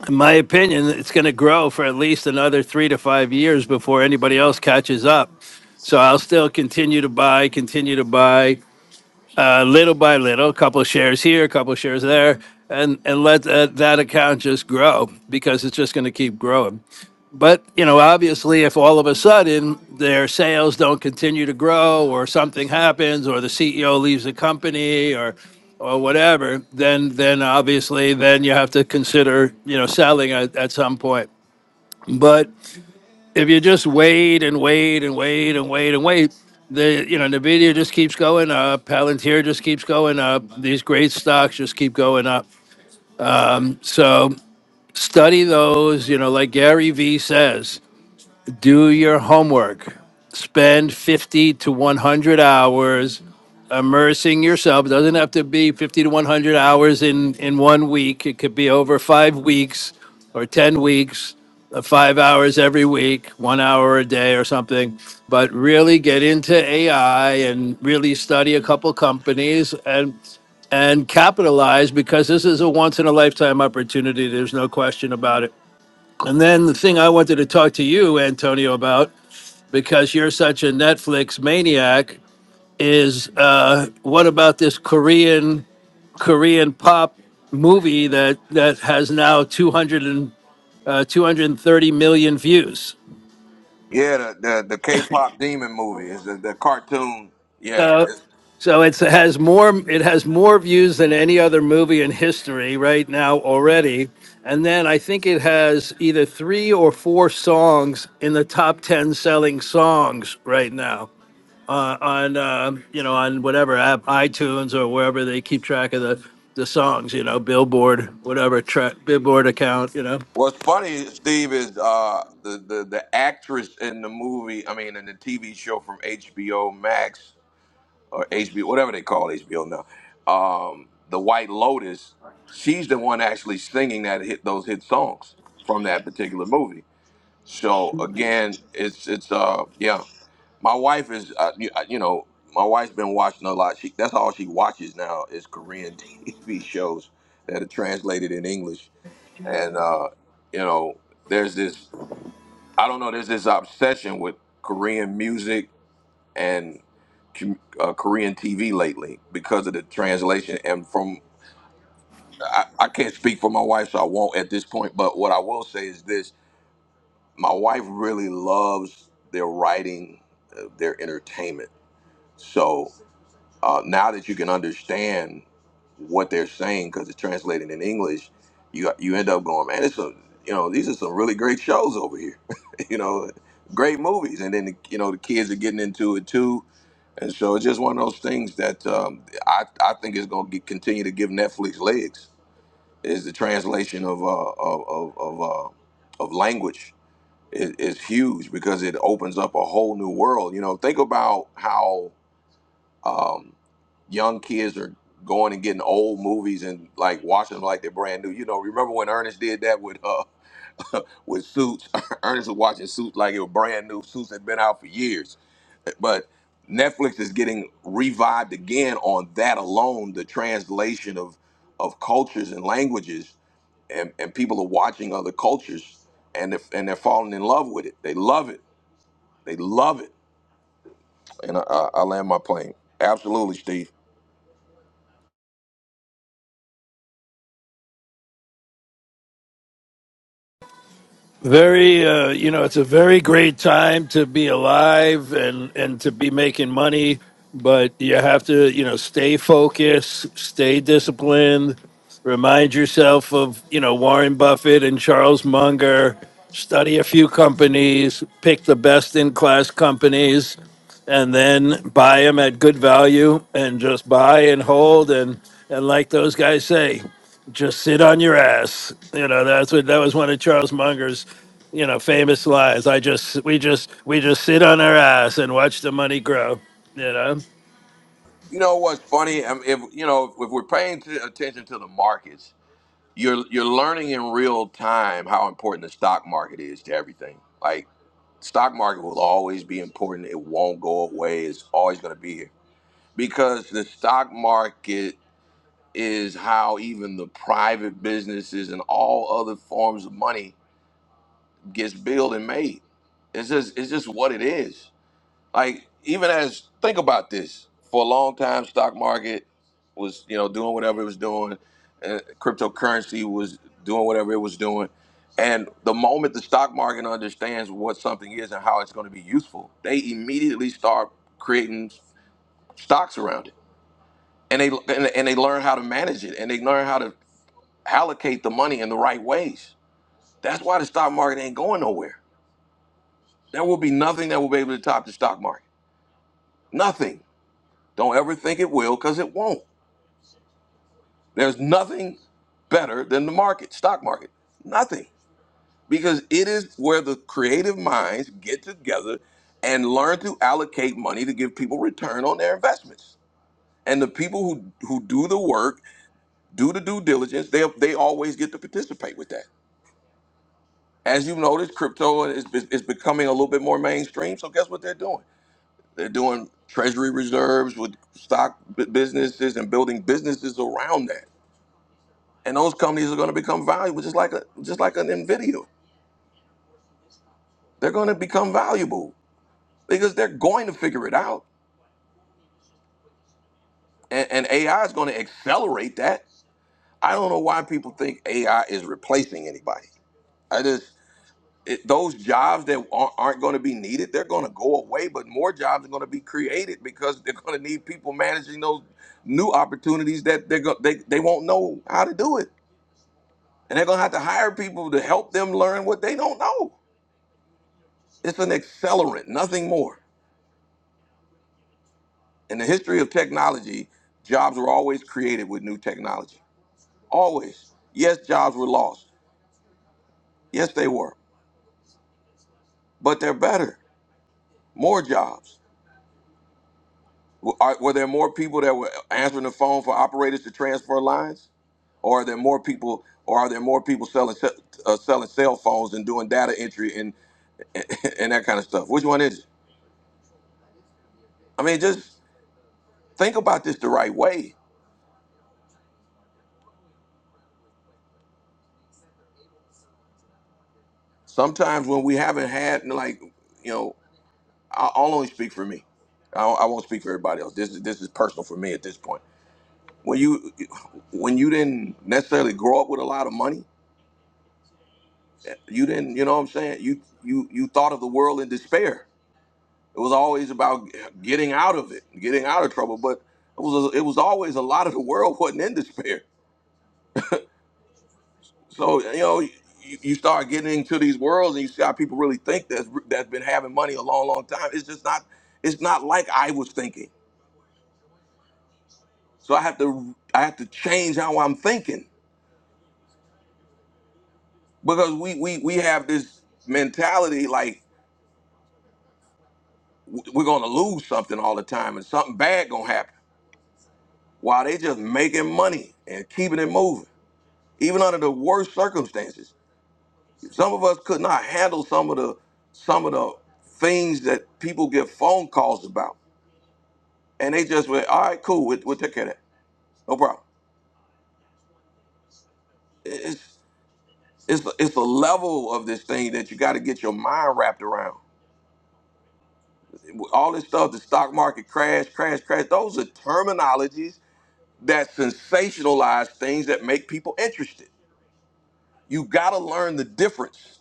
Speaker 14: in my opinion, it's going to grow for at least another three to five years before anybody else catches up. So I'll still continue to buy, continue to buy uh, little by little, a couple of shares here, a couple of shares there, and and let that, that account just grow because it's just going to keep growing. But you know, obviously, if all of a sudden their sales don't continue to grow, or something happens, or the CEO leaves the company, or or whatever, then then obviously then you have to consider you know selling at, at some point. But if you just wait and wait and wait and wait and wait, the you know Nvidia just keeps going up, Palantir just keeps going up. These great stocks just keep going up. So study those. You know, like Gary V says do your homework. Spend 50 to 100 hours immersing yourself. It doesn't have to be 50 to 100 hours in, in one week. It could be over five weeks or 10 weeks, uh, five hours every week, one hour a day or something. But really get into AI and really study a couple companies and and capitalize because this is a once in a lifetime opportunity. There's no question about it. And then the thing I wanted to talk to you, Antonio, about, because you're such a Netflix maniac, is uh, what about this Korean Korean pop movie that that has now 200 and, uh, 230 million views?
Speaker 1: Yeah, the the, the K-pop demon movie is the, the cartoon. Yeah,
Speaker 14: So, so it's, it has more it has more views than any other movie in history right now already. And then I think it has either three or four songs in the top 10 selling songs right now. uh, on uh, you know on whatever app, iTunes or wherever they keep track of the the songs. You know, Billboard, whatever track, Billboard account. You know,
Speaker 1: What's funny, Steve, is uh, the, the the actress in the movie. I mean, in the TV show from HBO Max or HBO, whatever they call HBO now, um, the White Lotus. She's the one actually singing that hit those hit songs from that particular movie. So again, it's it's uh yeah. My wife is uh, you, uh, you know my wife's been watching a lot. She that's all she watches now is Korean TV shows that are translated in English and uh, you know, there's this I don't know, there's this obsession with Korean music and com- uh, Korean TV lately because of the translation. And from I, I can't speak for my wife, so I won't at this point. But what I will say is this: my wife really loves their writing, uh, their entertainment. So. Uh, now that you can understand what they're saying because it's translated in English, you you end up going, man, it's a you know these are some really great shows over here, you know, great movies, and then the, you know the kids are getting into it too, and so it's just one of those things that um, I I think is going to continue to give Netflix legs is the translation of uh, of of of, uh, of language is, is huge because it opens up a whole new world. You know, think about how um, young kids are going and getting old movies and like watching them like they're brand new. You know, remember when Ernest did that with uh with Suits? Ernest was watching Suits like it was brand new. Suits had been out for years, but Netflix is getting revived again on that alone. The translation of of cultures and languages, and, and people are watching other cultures and if, and they're falling in love with it. They love it. They love it. And I, I, I land my plane. Absolutely, Steve.
Speaker 14: very uh, you know it's a very great time to be alive and and to be making money, but you have to you know stay focused, stay disciplined. Remind yourself of you know Warren Buffett and Charles Munger. Study a few companies, pick the best in class companies and then buy them at good value and just buy and hold and and like those guys say just sit on your ass you know that's what that was one of charles munger's you know famous lies i just we just we just sit on our ass and watch the money grow you know
Speaker 1: You know what's funny? Um, If you know, if we're paying t- attention to the markets, you're you're learning in real time how important the stock market is to everything. Like stock market will always be important. It won't go away. It's always going to be here because the stock market is how even the private businesses and all other forms of money gets built and made. It's just it's just what it is. Like even as think about this for a long time, stock market was you know doing whatever it was doing, uh, cryptocurrency was doing whatever it was doing, and the moment the stock market understands what something is and how it's going to be useful, they immediately start creating stocks around it, and they and, and they learn how to manage it, and they learn how to allocate the money in the right ways. That's why the stock market ain't going nowhere. There will be nothing that will be able to top the stock market. Nothing. Don't ever think it will because it won't. There's nothing better than the market, stock market. Nothing. Because it is where the creative minds get together and learn to allocate money to give people return on their investments. And the people who, who do the work, do the due diligence, they, they always get to participate with that. As you've noticed, crypto is, is, is becoming a little bit more mainstream. So guess what they're doing? They're doing treasury reserves with stock bu- businesses and building businesses around that and those companies are going to become valuable just like a just like an nvidia they're going to become valuable because they're going to figure it out and, and ai is going to accelerate that i don't know why people think ai is replacing anybody i just it, those jobs that aren't, aren't going to be needed they're going to go away but more jobs are going to be created because they're going to need people managing those new opportunities that they're go, they, they won't know how to do it and they're going to have to hire people to help them learn what they don't know it's an accelerant nothing more In the history of technology, jobs were always created with new technology. Always. Yes, jobs were lost. Yes, they were. But they're better. More jobs. W- are- Were there more people that were answering the phone for operators to transfer lines? Or are there more people? Or are there more people selling se- uh, selling cell phones and doing data entry and, and that kind of stuff? Which one is it? I mean, just think about this the right way. Sometimes when we haven't had like, you know. I- I'll only speak for me. I I won't speak for everybody else. This is this is personal for me at this point. When you when you didn't necessarily grow up with a lot of money, you didn't. You know what I'm saying? You you you thought of the world in despair. It was always about getting out of it, getting out of trouble. But it was it was always a lot of the world wasn't in despair. So you know. You, you start getting into these worlds, and you see how people really think that's that's been having money a long, long time. It's just not. It's not like I was thinking. So I have to I have to change how I'm thinking because we we we have this mentality like w- we're gonna lose something all the time and something bad gonna happen. While they just making money and keeping it moving, even under the worst circumstances. Some of us could not handle some of the some of the things that people get phone calls about, and they just went, "All right, cool, we'll, we'll take care of that, no problem." It's it's it's a level of this thing that you got to get your mind wrapped around all this stuff, the stock market crash, crash, crash. Those are terminologies that sensationalize things that make people interested. You got to learn the difference.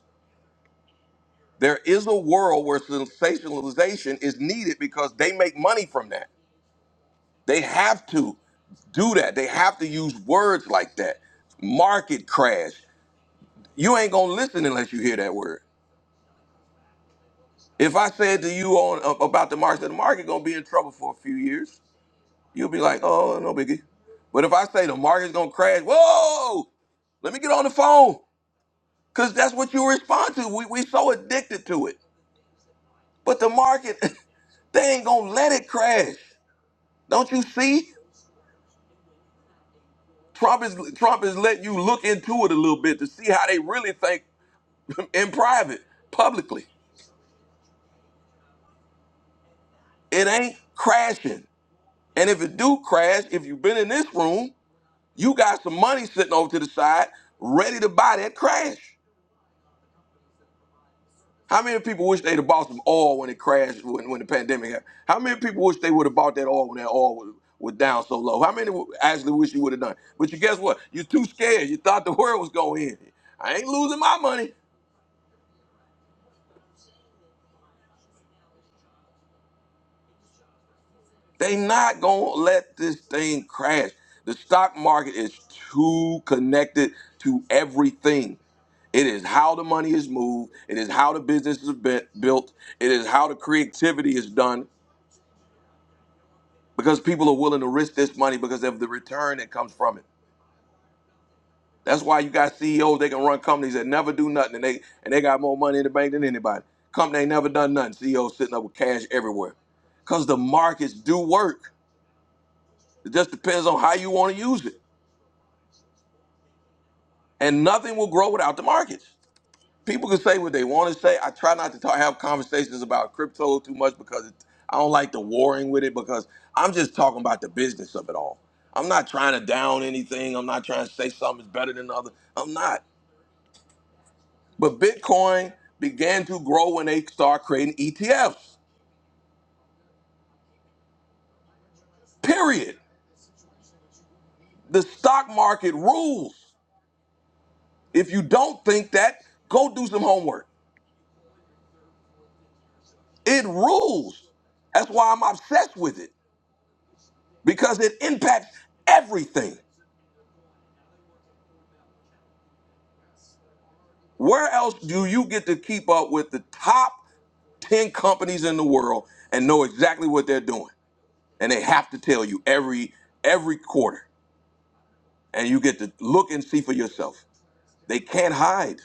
Speaker 1: There is a world where sensationalization is needed because they make money from that. They have to do that. They have to use words like that. Market crash. You ain't gonna listen unless you hear that word. If I said to you on about the market, the market gonna be in trouble for a few years. You'll be like, oh, no biggie. But if I say the market's gonna crash, whoa, let me get on the phone. Cause that's what you respond to. We we so addicted to it. But the market, they ain't gonna let it crash. Don't you see? Trump is Trump is letting you look into it a little bit to see how they really think in private, publicly. It ain't crashing. And if it do crash, if you've been in this room, you got some money sitting over to the side, ready to buy that crash. How many people wish they'd have bought some oil when it crashed when, when the pandemic happened? How many people wish they would have bought that oil when that oil was, was down so low? How many would- actually wish you would have done? it? But you guess what? You're too scared. You thought the world was going in. I ain't losing my money. They not gonna let this thing crash. The stock market is too connected to everything. It is how the money is moved. It is how the business is bu- built. It is how the creativity is done. because people are willing to risk this money because of the return that comes from it. That's why you got CEOs they can run companies that never do nothing and they and they got more money in the bank than anybody. Company ain't never done nothing. CEOs sitting up with cash everywhere. Cause the markets do work. It just depends on how you want to use it. And nothing will grow without the markets. people can say what they want to say. I try not to talk, have conversations about crypto too much because it, I don't like the warring with it because I'm just talking about the business of it all. I'm not trying to down anything. I'm not trying to say something's better than the other. I'm not. But Bitcoin began to grow when they start creating ETFs. Period. The stock market rules. If you don't think that, go do some homework. It rules. That's why I'm obsessed with it because it impacts everything. Where else do you get to keep up with the top 10 companies in the world and know exactly what they're doing? And they have to tell you every every quarter. And you get to look and see for yourself. They can't hide.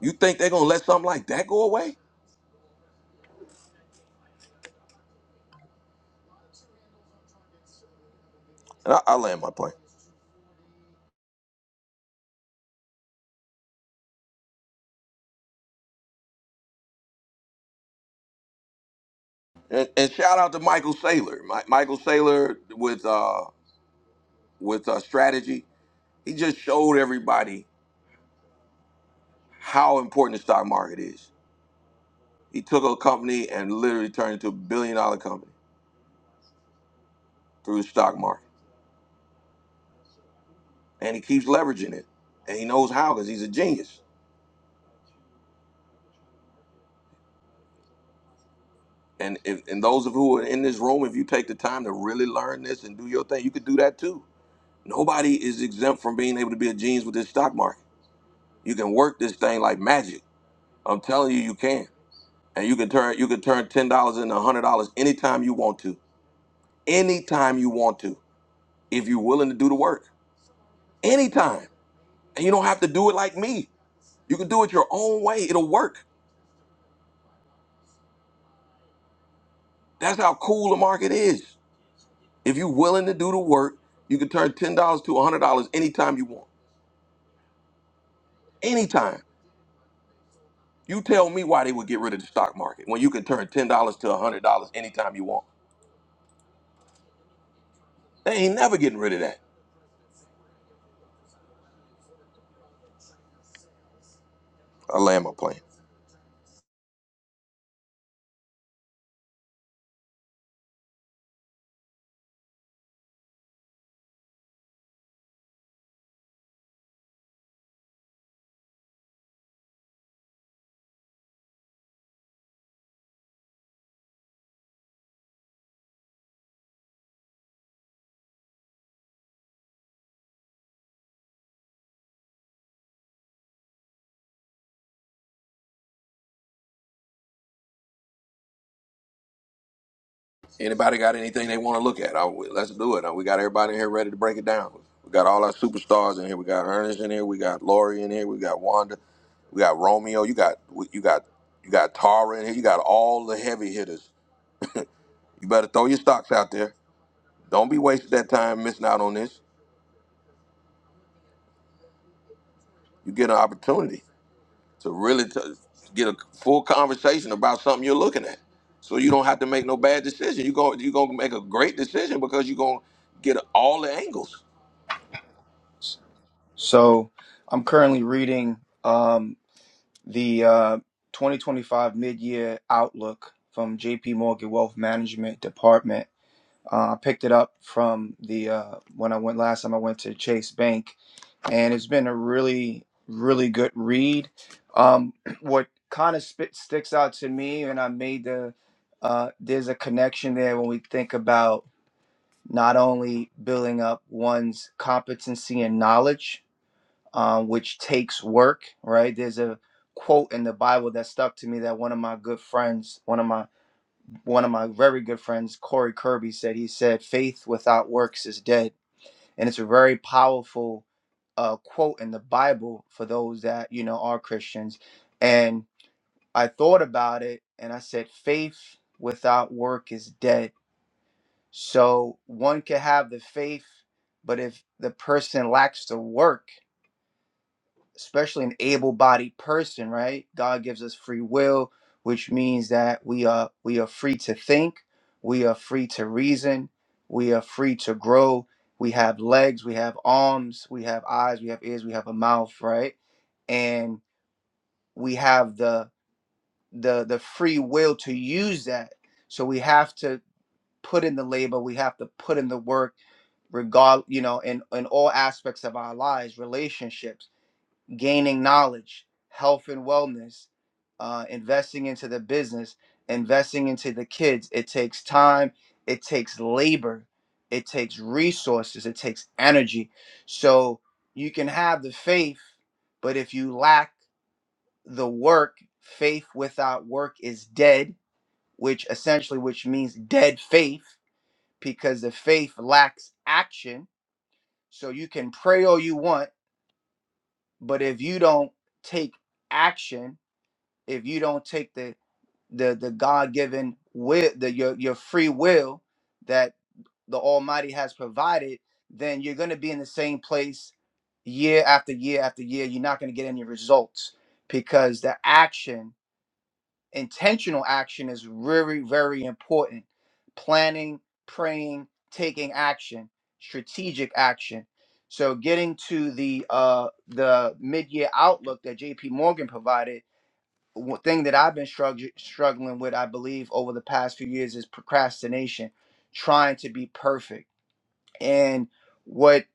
Speaker 1: You think they're gonna let something like that go away? And I, I land my plane. And, and shout out to Michael Saylor. Mi- Michael Saylor with uh with uh, strategy. He just showed everybody how important the stock market is. He took a company and literally turned it into a billion dollar company through the stock market. and he keeps leveraging it, and he knows how because he's a genius. And if and those of who are in this room, if you take the time to really learn this and do your thing, you could do that too. Nobody is exempt from being able to be a genius with this stock market. You can work this thing like magic. I'm telling you, you can, and you can turn you can turn ten dollars into a hundred dollars anytime you want to, anytime you want to, if you're willing to do the work, anytime. And you don't have to do it like me. You can do it your own way. It'll work. That's how cool the market is. If you're willing to do the work, you can turn ten dollars to a hundred dollars anytime you want. Anytime. You tell me why they would get rid of the stock market when you can turn ten dollars to a hundred dollars anytime you want. They ain't never getting rid of that. I land my plane. Anybody got anything they want to look at? I, let's do it. Uh, We got everybody in here ready to break it down. We got all our superstars in here. We got Ernest in here. We got Lori in here. We got Wanda. We got Romeo. You got you got you got Tara in here. You got all the heavy hitters. You better throw your stocks out there. Don't be wasting that time missing out on this. You get an opportunity to really t- get a full conversation about something you're looking at, so you don't have to make no bad decision. You go, you're gonna make a great decision because you're gonna get all the angles.
Speaker 10: So I'm currently reading um, the uh, 2025 Mid Year Outlook from JP Morgan Wealth Management Department Uh, I picked it up from the uh, when I went last time I went to Chase Bank, and it's been a really really good read. Um, what kind of spit sticks out to me, and I made the uh, there's a connection there when we think about not only building up one's competency and knowledge, um, which takes work, right? There's a quote in the Bible that stuck to me that one of my good friends, one of my one of my very good friends, Corey Kirby, said. He said, "Faith without works is dead," and it's a very powerful uh, quote in the Bible for those that you know are Christians. And I thought about it, and I said, "Faith without work is dead." So one can have the faith, but if the person lacks the work especially an able-bodied person, right? God gives us free will, which means that we are we are free to think, we are free to reason, we are free to grow. We have legs, we have arms, we have eyes, we have ears, we have a mouth, right? And we have the the the free will to use that. So we have to put in the labor, we have to put in the work regard, you know, in in all aspects of our lives, relationships gaining knowledge, health and wellness, uh, investing into the business, investing into the kids. It takes time, it takes labor, it takes resources, it takes energy. So you can have the faith, but if you lack the work, faith without work is dead, which essentially which means dead faith because the faith lacks action. So you can pray all you want, but if you don't take action if you don't take the the the God given will the your your free will that the Almighty has provided, then you're gonna be in the same place year after year after year. You're not gonna get any results because the action, intentional action is very, very important. Planning, praying, taking action, strategic action. So getting to the uh the mid-year outlook that JP Morgan provided one thing that I've been strugg- struggling with, I believe, over the past few years is procrastination, trying to be perfect. And what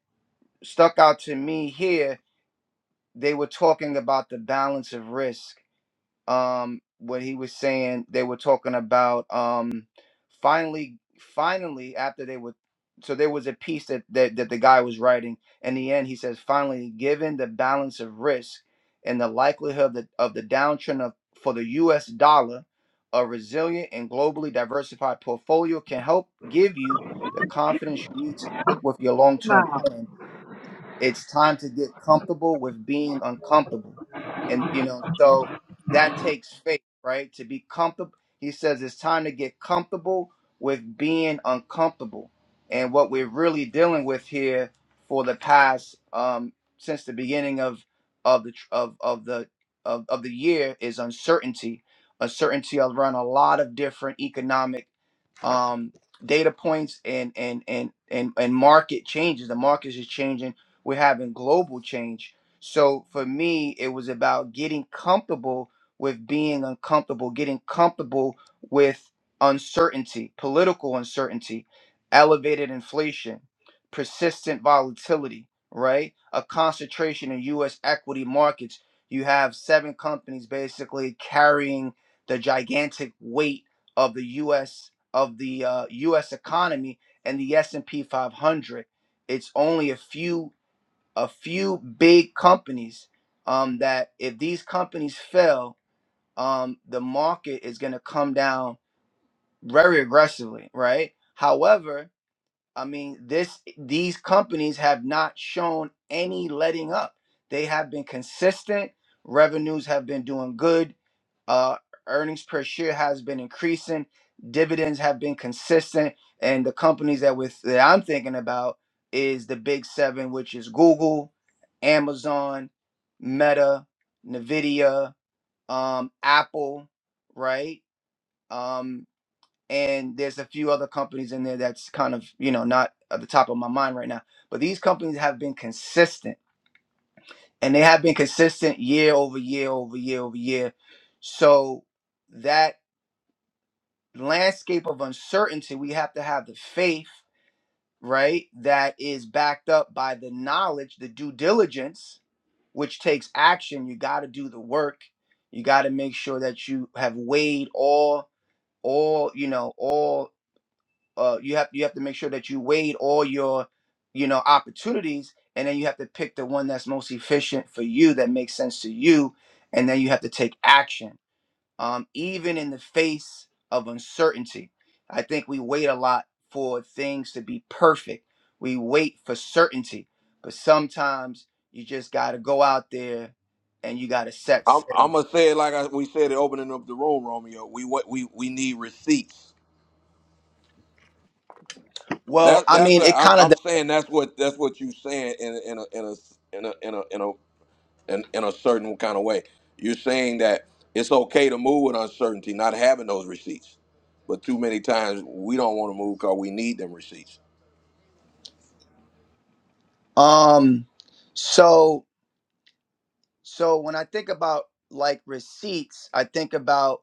Speaker 10: stuck out to me here, they were talking about the balance of risk um when he was saying they were talking about um finally finally after they were so there was a piece that, that that the guy was writing in the end he says finally given the balance of risk and the likelihood of the, of the downtrend of for the US dollar a resilient and globally diversified portfolio can help give you the confidence you need to stick with your
Speaker 12: Come
Speaker 10: long-term
Speaker 12: on.
Speaker 10: plan it's time to get comfortable with being uncomfortable and you know so that takes faith right to be comfortable he says it's time to get comfortable with being uncomfortable and what we're really dealing with here for the past um since the beginning of of the tr- of of the of, of the year is uncertainty uncertainty around a lot of different economic um, data points and and and and and market changes. The market is changing. We're having global change. So for me, it was about getting comfortable with being uncomfortable, getting comfortable with uncertainty, political uncertainty, elevated inflation, persistent volatility, right? A concentration in US equity markets. You have seven companies basically carrying the gigantic weight of the US of the uh, U.S. economy and the S&P 500. It's only a few a few big companies um, that if these companies fail, um, the market is going to come down very aggressively, right? However, I mean, this these companies have not shown any letting up. They have been consistent. Revenues have been doing good. Uh, earnings per share has been increasing. Dividends have been consistent, and the companies that with that I'm thinking about is the big seven, which is Google, Amazon, Meta, Nvidia, um, Apple, right? Um and there's a few other companies in there that's kind of you know not at the top of my mind right now but these companies have been consistent and they have been consistent year over year over year over year so that landscape of uncertainty we have to have the faith right that is backed up by the knowledge the due diligence which takes action you got to do the work you got to make sure that you have weighed all all you know all. uh you have you have to make sure that you weighed all your you know opportunities and then you have to pick the one that's most efficient for you that makes sense to you and then you have to take action um even in the face of uncertainty i think we wait a lot for things to be perfect we wait for certainty but sometimes you just got to go out there and you got to set
Speaker 1: I'm, I'm
Speaker 10: sail
Speaker 1: gonna say it like I, we said it opening up the room, Romeo. We what we we need receipts.
Speaker 10: well
Speaker 1: That
Speaker 10: i
Speaker 1: that's
Speaker 10: mean
Speaker 1: what
Speaker 10: it
Speaker 1: I'm,
Speaker 10: kind
Speaker 1: I'm saying. That's what that's what you saying in a, in a in a in a in a, in a, in, in a certain kind of way. You're saying that it's okay to move with uncertainty, not having those receipts. But too many times we don't want to move because we need them receipts.
Speaker 10: of um so So when I think about like receipts, I think about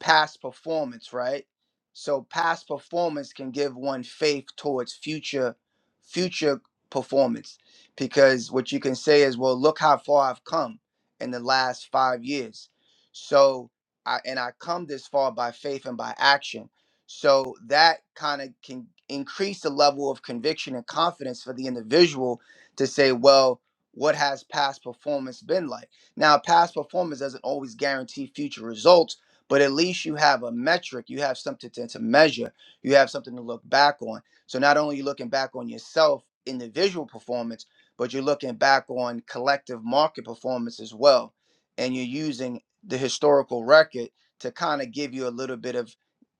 Speaker 10: past performance, right? So past performance can give one faith towards future future performance because what you can say is, well, look how far I've come in the last 5 years. So I and I come this far by faith and by action. So that kind of can increase the level of conviction and confidence for the individual to say, well, what has past performance been like? Now, past performance doesn't always guarantee future results, but at least you have a metric, you have something to, to measure, you have something to look back on. So not only you're looking back on yourself individual performance, but you're looking back on collective market performance as well. And you're using the historical record to kind of give you a little bit of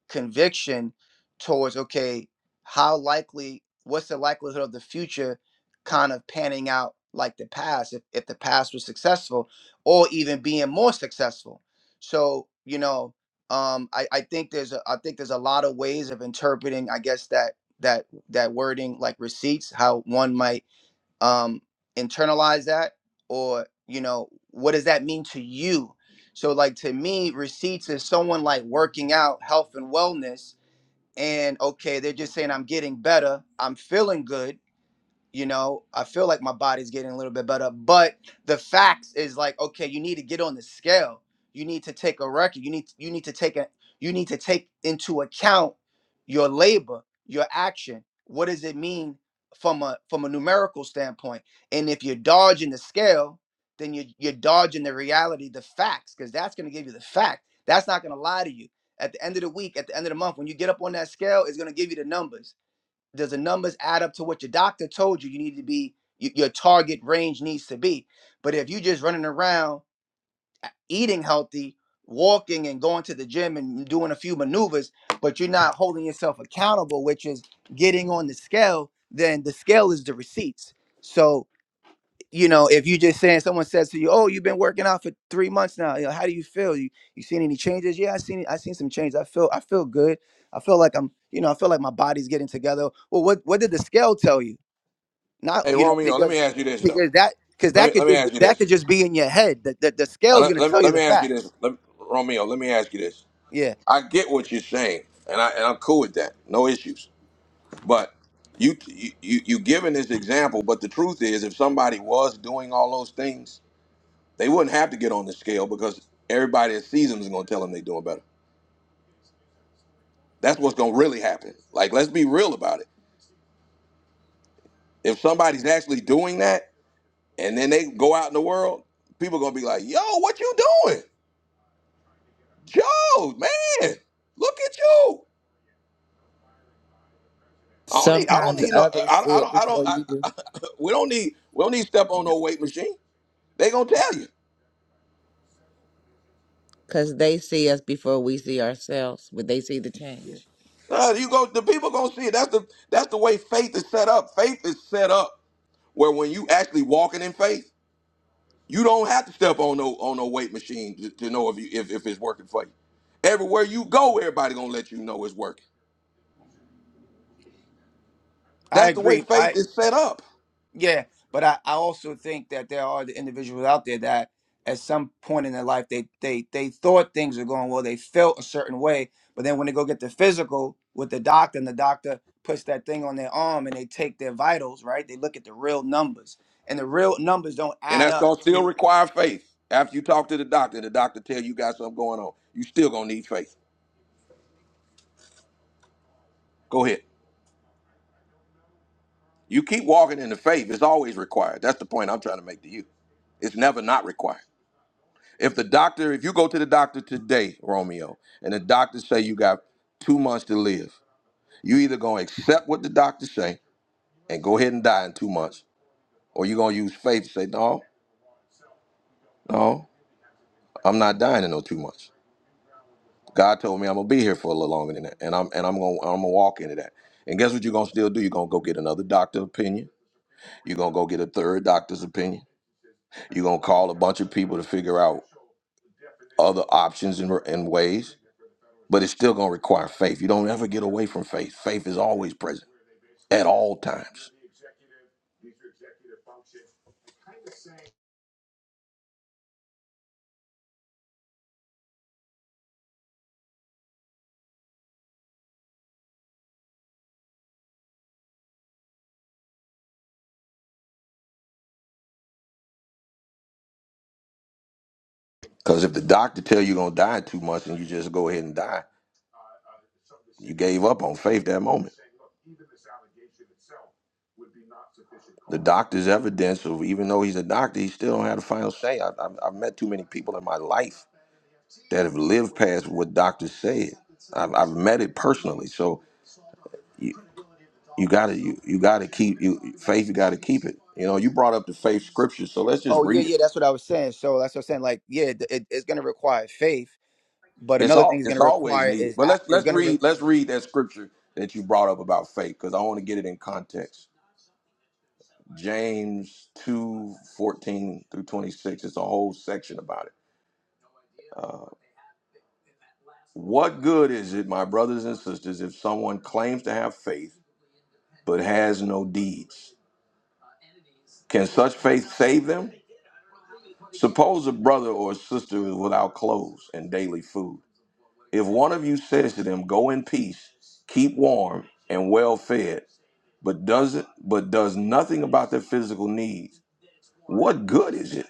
Speaker 10: conviction towards okay how likely what's the likelihood of the future kind of panning out like the past if, if the past was successful or even being more successful so you know um I, I think there's a i think there's a lot of ways of interpreting i guess that that that wording like receipts how one might um internalize that or you know what does that mean to you so like to me receipts is someone like working out health and wellness and okay they're just saying i'm getting better i'm feeling good you know i feel like my body's getting a little bit better but the facts is like okay you need to get on the scale you need to take a record you need you need to take a you need to take into account your labor your action what does it mean from a from a numerical standpoint and if you're dodging the scale then you you're dodging the reality the facts because that's going to give you the fact that's not going to lie to you at the end of the week at the end of the month when you get up on that scale it's going to give you the numbers does the numbers add up to what your doctor told you you need to be y- your target range needs to be but if you are just running around eating healthy walking and going to the gym and doing a few maneuvers but you're not holding yourself accountable which is getting on the scale then the scale is the receipts so you know, if you just saying someone says to you, "Oh, you've been working out for three months now. You know, how do you feel? You you seen any changes?" Yeah, I seen I seen some changes. I feel I feel good. I feel like I'm, you know, I feel like my body's getting together. Well, what what did the scale tell you? Not
Speaker 1: Hey
Speaker 10: you know
Speaker 1: Romeo, let me
Speaker 10: because
Speaker 1: ask you this though.
Speaker 10: because that because
Speaker 1: Let
Speaker 10: that
Speaker 1: me
Speaker 10: could
Speaker 1: let me
Speaker 10: just be,
Speaker 1: ask you
Speaker 10: that could
Speaker 1: this.
Speaker 10: just be in your head. That the, the the
Speaker 1: And
Speaker 10: scale's
Speaker 1: let,
Speaker 10: gonna
Speaker 1: let, me,
Speaker 10: tell you
Speaker 1: let
Speaker 10: the
Speaker 1: me ask you this,
Speaker 10: facts.
Speaker 1: let, Romeo. Let me ask you this.
Speaker 10: Yeah,
Speaker 1: I get what you're saying, and I and I'm cool with that. No issues. But you you you you giving this example, but the truth is, if somebody was doing all those things, they wouldn't have to get on the scale because everybody at seasons is going to tell them they're doing better. That's what's gonna really happen. Like, let's be real about it. If somebody's actually doing that, and then they go out in the world, people gonna be like, "Yo, what you doing, Joe? Man, look at you." I don't need. I don't
Speaker 5: Sometimes
Speaker 1: need no.
Speaker 5: others
Speaker 1: I,
Speaker 5: see
Speaker 1: I
Speaker 5: it
Speaker 1: don't. I don't.
Speaker 5: before you do.
Speaker 1: I, we don't need. We don't need step on
Speaker 5: Yeah.
Speaker 1: no weight machine. They gonna tell you.
Speaker 5: Because they see us before we see ourselves, when they see the change.
Speaker 10: yeah.
Speaker 1: Uh, you go. The people gonna see it. That's the. That's the way faith is set up. Faith is set up where when you actually walking in faith. You don't have to step on no on no weight machine to, to know if you if, if it's working for you. Everywhere you go, everybody gonna let you know it's working.
Speaker 10: I
Speaker 1: That's the way
Speaker 10: agree. I
Speaker 1: faith is set up,
Speaker 10: Yeah, but I, I also think that there are the individuals out there that at some point in their life they they they thought things were going well, they felt a certain way, but then when they go get the physical with the doctor and the doctor puts that thing on their arm and they take their vitals, right? They look at the real numbers. And the real numbers don't
Speaker 1: and
Speaker 10: add
Speaker 1: that's
Speaker 10: up
Speaker 1: gonna still
Speaker 10: to
Speaker 1: require faith. After you talk to the doctor, the doctor tell you got something going on. You still gonna need faith. Go ahead. You keep walking in the faith. It's always required. That's the point I'm trying to make to you. It's never not required. If the doctor, if you go to the doctor today, Romeo, and the doctor say you got two months to live, you either gonna accept what the doctor say and go ahead and die in two months, or you're gonna use faith to say, No, no, I'm not dying in no two months. God told me I'm gonna be here for a little longer than that, and I'm and I'm gonna I'm gonna walk into that. And guess what you're gonna still do? You're gonna go get another doctor's opinion. You're gonna go get a third doctor's opinion. You're gonna call a bunch of people to figure out other options and, and ways. But it's still gonna require faith. You don't ever get away from faith. Faith is always present at all times. Because if the doctor tell you you're gonna die in two months and you just go ahead and die, you gave up on faith that moment. The doctor's evidence of even though he's a doctor, he still don't have the final say. I, I've, I've met too many people in my life that have lived past what doctors said. I've, I've met it personally. So you you gotta you, you gotta keep you faith. You gotta keep it. You know, you brought up the faith scripture, so let's just
Speaker 10: oh yeah,
Speaker 1: read it.
Speaker 10: yeah, that's what I was saying. So that's what I'm saying like yeah, th- it, it's going to require faith, but
Speaker 1: It's
Speaker 10: another thing
Speaker 1: all
Speaker 10: it's going
Speaker 1: it's
Speaker 10: to
Speaker 1: always
Speaker 10: require
Speaker 1: needed.
Speaker 10: is
Speaker 1: But let's
Speaker 10: a- is
Speaker 1: let's
Speaker 10: going to re-
Speaker 1: read let's read that scripture that you brought up about faith because I want to get it in context. James two fourteen through 26. It's a whole section about it. Uh, What good is it, my brothers and sisters, if someone claims to have faith but has no deeds? Can such faith save them? Suppose a brother or a sister is without clothes and daily food. If one of you says to them, Go in peace, keep warm and well fed, but doesn't but does nothing about their physical needs, what good is it?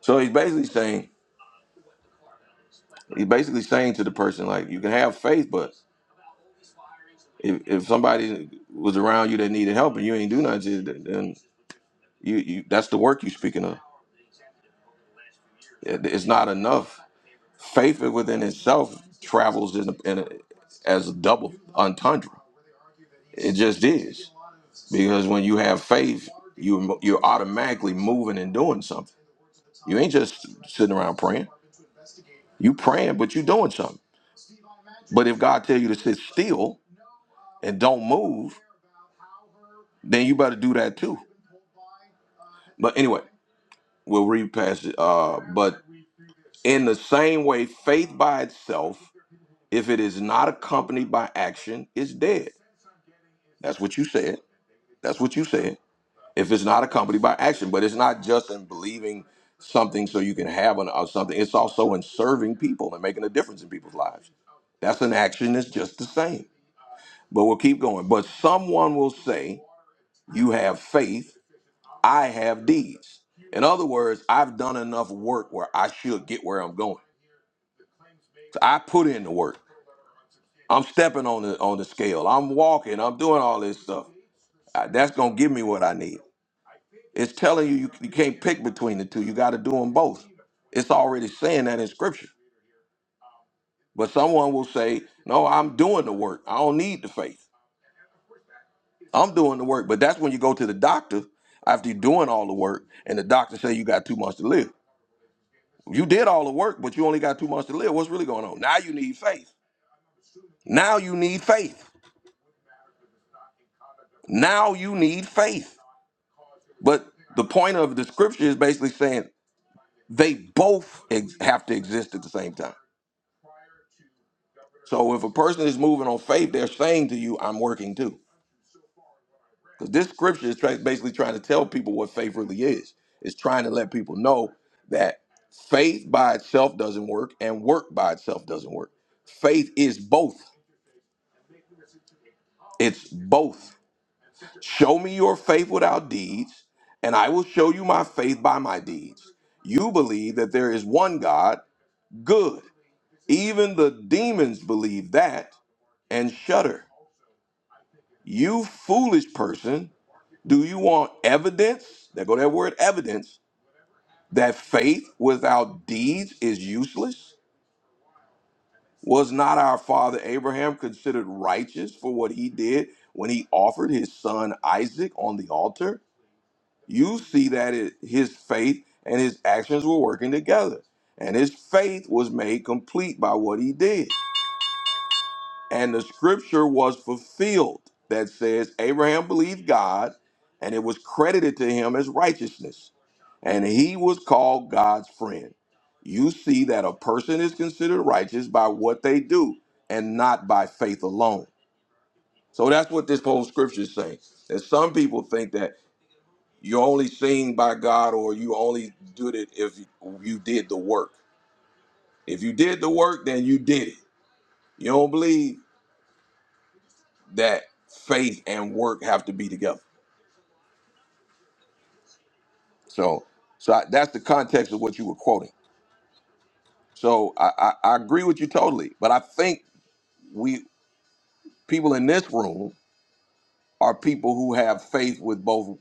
Speaker 1: So he's basically saying he's basically saying to the person, like, you can have faith, but If, if somebody was around you that needed help and you ain't do nothing, to then you, you that's the work you speaking of. It- It's not enough. Faith within itself travels in, a, in a, as a double entendre. It just is because when you have faith, you you're automatically moving and doing something. You ain't just sitting around praying. You praying, but you doing something. But if God tell you to sit still and don't move, then you better do that too. But anyway, we'll read past it. Uh, but In the same way, faith by itself, if it is not accompanied by action, is dead. That's what you said. That's what you said. If it's not accompanied by action, but it's not just in believing something so you can have an, or something, it's also in serving people and making a difference in people's lives. That's an action that's just the same. But we'll keep going. But someone will say, You have faith, I have deeds. In other words, I've done enough work where I should get where I'm going. So I put in the work. I'm stepping on the on the scale. I'm walking. I'm doing all this stuff. Uh, That's gonna give me what I need. It's telling you, you you can't pick between the two. You got to do them both. It's already saying that in scripture. But someone will say, "No, I'm doing the work. I don't need the faith. I'm doing the work." But that's when you go to the doctor after you're doing all the work, and the doctor say you got two months to live. You did all the work, but you only got two months to live. What's really going on? Now you need faith. Now you need faith. Now you need faith. But the point of the scripture is basically saying they both ex- have to exist at the same time. So if a person is moving on faith, they're saying to you, I'm working too. Because this scripture is tra- basically trying to tell people what faith really is. It's trying to let people know that faith by itself doesn't work and work by itself doesn't work. Faith is both. It's both. Show me your faith without deeds, and I will show you my faith by my deeds. You believe that there is one God, good. Even the demons believe that and shudder. You foolish person, do you want evidence? There go that word evidence that faith without deeds is useless? Was not our father Abraham considered righteous for what he did when he offered his son Isaac on the altar? You see that it, his faith and his actions were working together, and his faith was made complete by what he did. And the scripture was fulfilled that says Abraham believed God and it was credited to him as righteousness. And he was called God's friend. You see that a person is considered righteous by what they do and not by faith alone. So that's what this whole scripture is saying. That some people think that you're only seen by God or you only did it if you did the work. If you did the work, then you did it. You don't believe? that faith and work have to be together. So, so I, that's the context of what you were quoting. So I, I, I agree with you totally, but I think we people in this room are people who have faith with both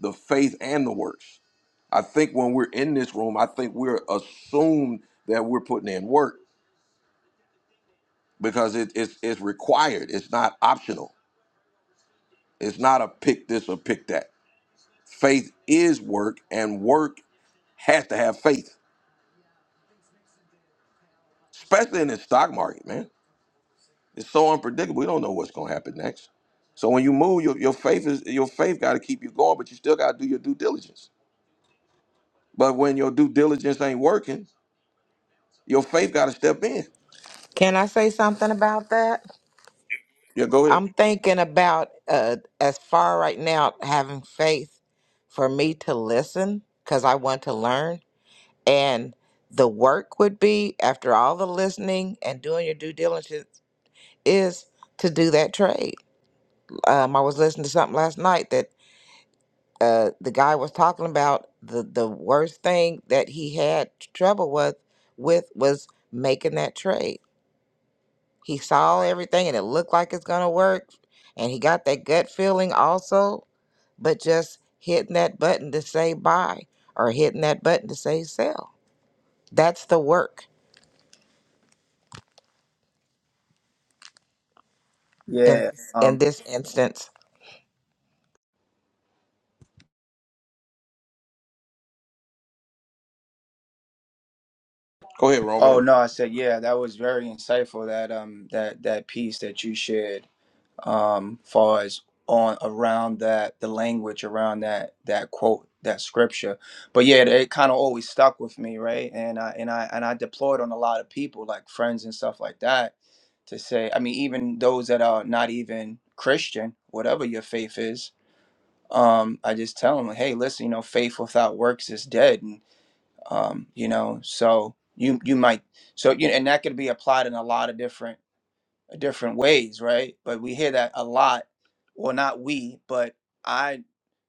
Speaker 1: the faith and the works. I think when we're in this room, I think we're assumed that we're putting in work because it, it's it's required. It's not optional. It's not a pick this or pick that. Faith is work, and work has to have faith especially in the stock market, man. It's so unpredictable. We don't know what's going to happen next. So when you move, your, your faith is your faith got to keep you going, but you still got to do your due diligence. But when your due diligence ain't working, your faith got to step in.
Speaker 5: Can I say something about that?
Speaker 1: Yeah, go ahead,
Speaker 5: I'm thinking about uh, as far right now having faith for me to listen because I want to learn. And the work would be after all the listening and doing your due diligence is to do that trade. Um, I was listening to something last night that uh, the guy was talking about the, the worst thing that he had trouble with with was making that trade He saw everything and it looked like it's going to work. And he got that gut feeling also, but just hitting that button to say buy or hitting that button to say sell. That's the work in,
Speaker 10: yeah,
Speaker 5: in
Speaker 10: um
Speaker 5: this instance.
Speaker 1: go ahead,
Speaker 10: Oh
Speaker 1: Romeo.
Speaker 10: no, I said yeah, that was very insightful that um that that piece that you shared um far as on around that the language around that that quote that scripture. But yeah, it kind of always stuck with me, right? And I and I and I deployed on a lot of people like friends and stuff like that to say, I mean even those that are not even Christian, whatever your faith is, um I just tell them, "Hey, listen, you know, faith without works is dead." um, you know so you you might so you and that could be applied in a lot of different different ways right but we hear that a lot well not we but i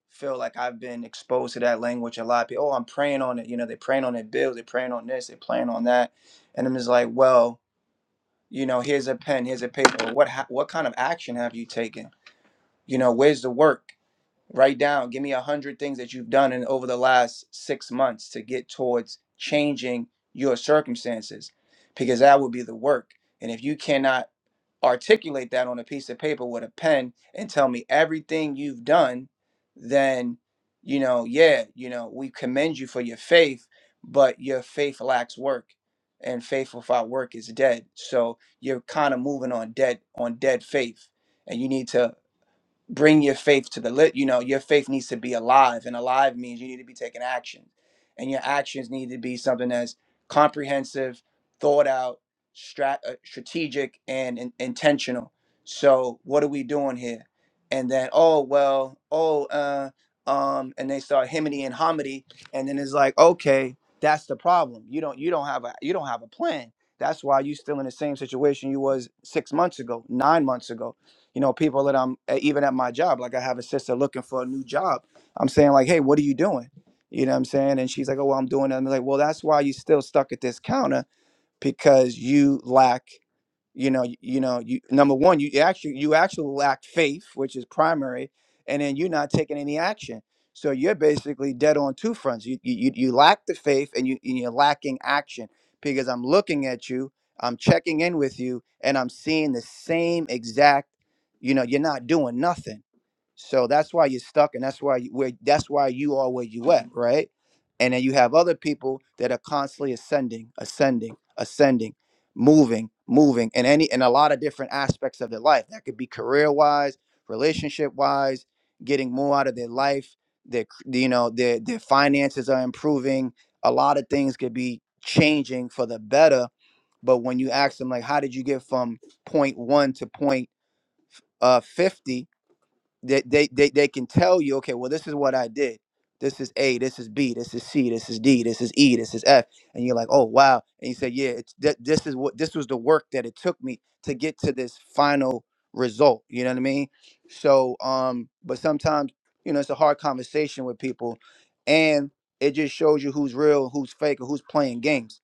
Speaker 10: feel like i've been exposed to that language a lot People, oh i'm praying on it you know they're praying on their bills they're praying on this they're praying on that and i'm just like well you know here's a pen here's a paper what ha- what kind of action have you taken you know where's the work Write down, give me a hundred things that you've done in over the last six months to get towards changing your circumstances, because that would be the work. And if you cannot articulate that on a piece of paper with a pen and tell me everything you've done, then, you know, yeah, you know, we commend you for your faith, but your faith lacks work. And faith without work is dead. So you're kind of moving on dead on dead faith. And you need to bring your faith to the lit you know your faith needs to be alive and alive means you need to be taking action and your actions need to be something that's comprehensive thought out strat- uh, strategic and in- intentional so what are we doing here and then oh well oh uh um and they start himity and homity and then it's like okay that's the problem you don't you don't have a you don't have a plan that's why you still in the same situation you was six months ago nine months ago you know people that i'm e, even at my job like i have a sister looking for a new job i'm saying like hey what are you doing you know what i'm saying and she's like oh well, i'm doing it i'm like well that's why you still stuck at this counter because you lack you know y- you know you number one you actually you actually lack faith which is primary and then you're not taking any action so you're basically dead on two fronts you you, you you lack the faith and you and you're lacking action because i'm looking at you i'm checking in with you and i'm seeing the same exact you know you're not doing nothing so that's why you're stuck and that's why you where that's why you are where you at right and then you have other people that are constantly ascending ascending ascending, moving, moving, and any and a lot of different aspects of their life. That could be career wise, relationship wise, getting more out of their life. Their c- you know their their finances are improving. A lot of things could be changing for the better. But when you ask them like, how did you get from point one to point uh 50 they, they they they can tell you, okay, well, this is what I did. This is A, this is B, this is C, this is D, this is E, this is F, and you're like, oh wow, and you say, yeah, it's th- this is what this was the work that it took me to get to this final result. You know what I mean? So, um, but sometimes you know it's a hard conversation with people, and it just shows you who's real, who's fake, or who's playing games.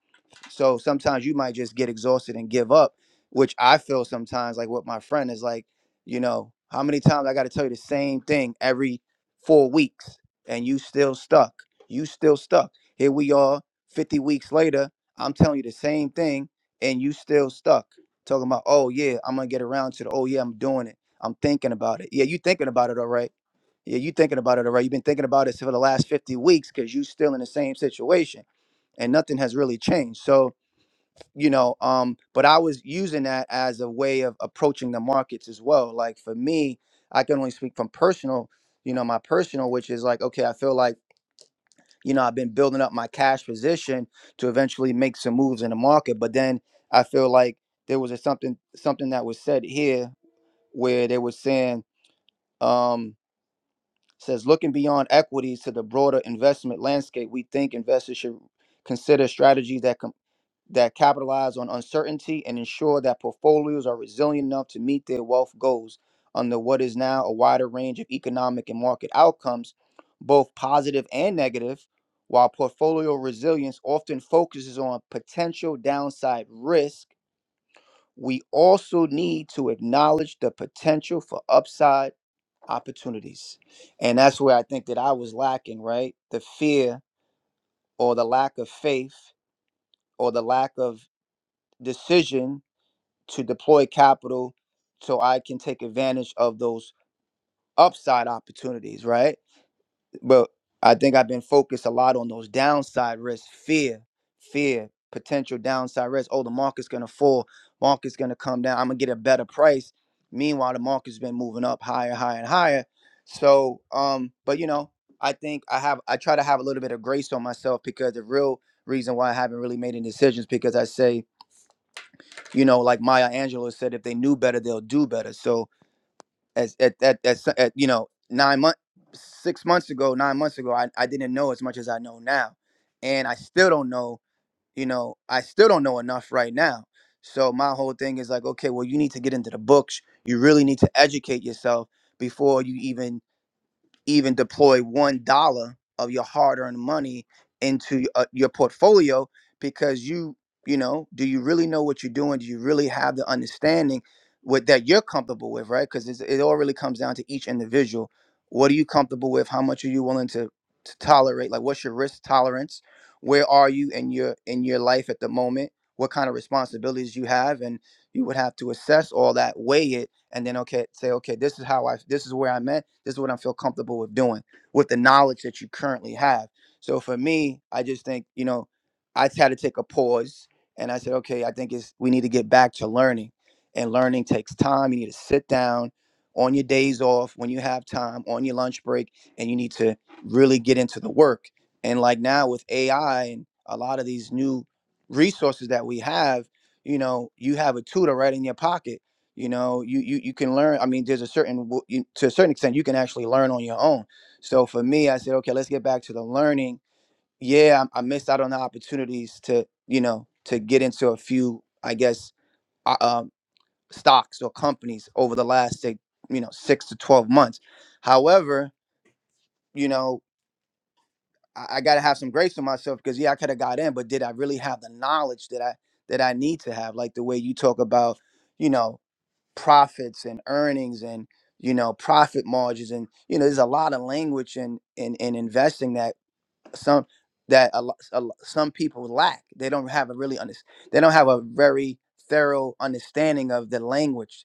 Speaker 10: So sometimes you might just get exhausted and give up, which I feel sometimes like with my friend is like. You know, how many times I got to tell you the same thing every four weeks and you still stuck. You still stuck. Here we are 50 weeks later. I'm telling you the same thing and you still stuck. Talking about, oh yeah, I'm going to get around to the, oh yeah, I'm doing it. I'm thinking about it. Yeah, you thinking about it, all right. Yeah, you thinking about it, all right. You've been thinking about it for the last 50 weeks because you still in the same situation and nothing has really changed. So, you know um but i was using that as a way of approaching the markets as well like for me i can only speak from personal you know my personal which is like okay i feel like you know i've been building up my cash position to eventually make some moves in the market but then i feel like there was a something something that was said here where they were saying um says looking beyond equities to the broader investment landscape we think investors should consider strategies that that capitalize on uncertainty and ensure that portfolios are resilient enough to meet their wealth goals under what is now a wider range of economic and market outcomes, both positive and negative, while portfolio resilience often focuses on potential downside risk. We also need to acknowledge the potential for upside opportunities. And that's where I think that I was lacking, right? The fear or the lack of faith or the lack of decision to deploy capital so I can take advantage of those upside opportunities, right? But I think I've been focused a lot on those downside risks, fear, fear, potential downside risk. Oh, the market's gonna fall, market's gonna come down, I'm gonna get a better price. Meanwhile, the market's been moving up higher, higher, and higher. So, um, but you know, I think I have I try to have a little bit of grace on myself because the real reason why I haven't really made any decisions because I say you know like maya angelou said if they knew better they'll do better so as at at, at, so, at you know nine months six months ago nine months ago I, I didn't know as much as i know now and i still don't know you know i still don't know enough right now so my whole thing is like okay well you need to get into the books you really need to educate yourself before you even even deploy one dollar of your hard-earned money into uh, your portfolio because you you know do you really know what you're doing do you really have the understanding with that you're comfortable with right because it all really comes down to each individual what are you comfortable with how much are you willing to to tolerate like what's your risk tolerance where are you in your in your life at the moment what kind of responsibilities you have and you would have to assess all that weigh it and then okay say okay this is how i this is where i'm at this is what i feel comfortable with doing with the knowledge that you currently have so for me i just think you know i had to take a pause and i said okay i think it's we need to get back to learning and learning takes time you need to sit down on your days off when you have time on your lunch break and you need to really get into the work and like now with ai and a lot of these new resources that we have you know you have a tutor right in your pocket you know you you, you can learn i mean there's a certain w- you, to a certain extent you can actually learn on your own so for me i said okay let's get back to the learning yeah i, I missed out on the opportunities to you know to get into a few i guess uh, um, stocks or companies over the last say you know six to 12 months however you know i, I got to have some grace for myself because yeah i could have got in but did i really have the knowledge that i that i need to have like the way you talk about you know profits and earnings and you know profit margins and you know there's a lot of language in in, in investing that some that a, lo- a, lo- some people lack they don't have a really under, they don't have a very thorough understanding of the language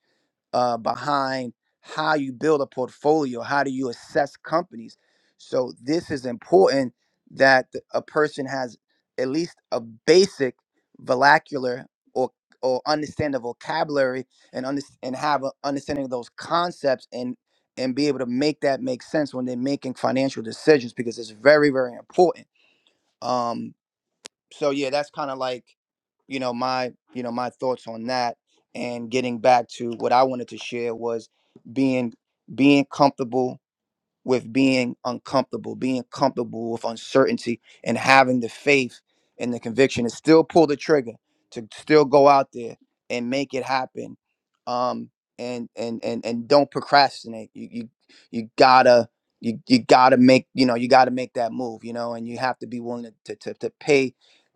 Speaker 10: uh, behind how you build a portfolio, how do you assess companies. So this is important that th- a person has at least a basic vernacular or or understand the vocabulary and under, and have an understanding of those concepts and and be able to make that make sense when they're making financial decisions because it's very very important. Um, so yeah, that's kind of like, you know, my you know my thoughts on that. And getting back to what I wanted to share was being being comfortable with being uncomfortable, being comfortable with uncertainty, and having the faith and the conviction to still pull the trigger, to still go out there and make it happen. Um, and and and and don't procrastinate. You you you gotta you you gotta make you know you gotta make that move. You know, and you have to be willing to to to pay.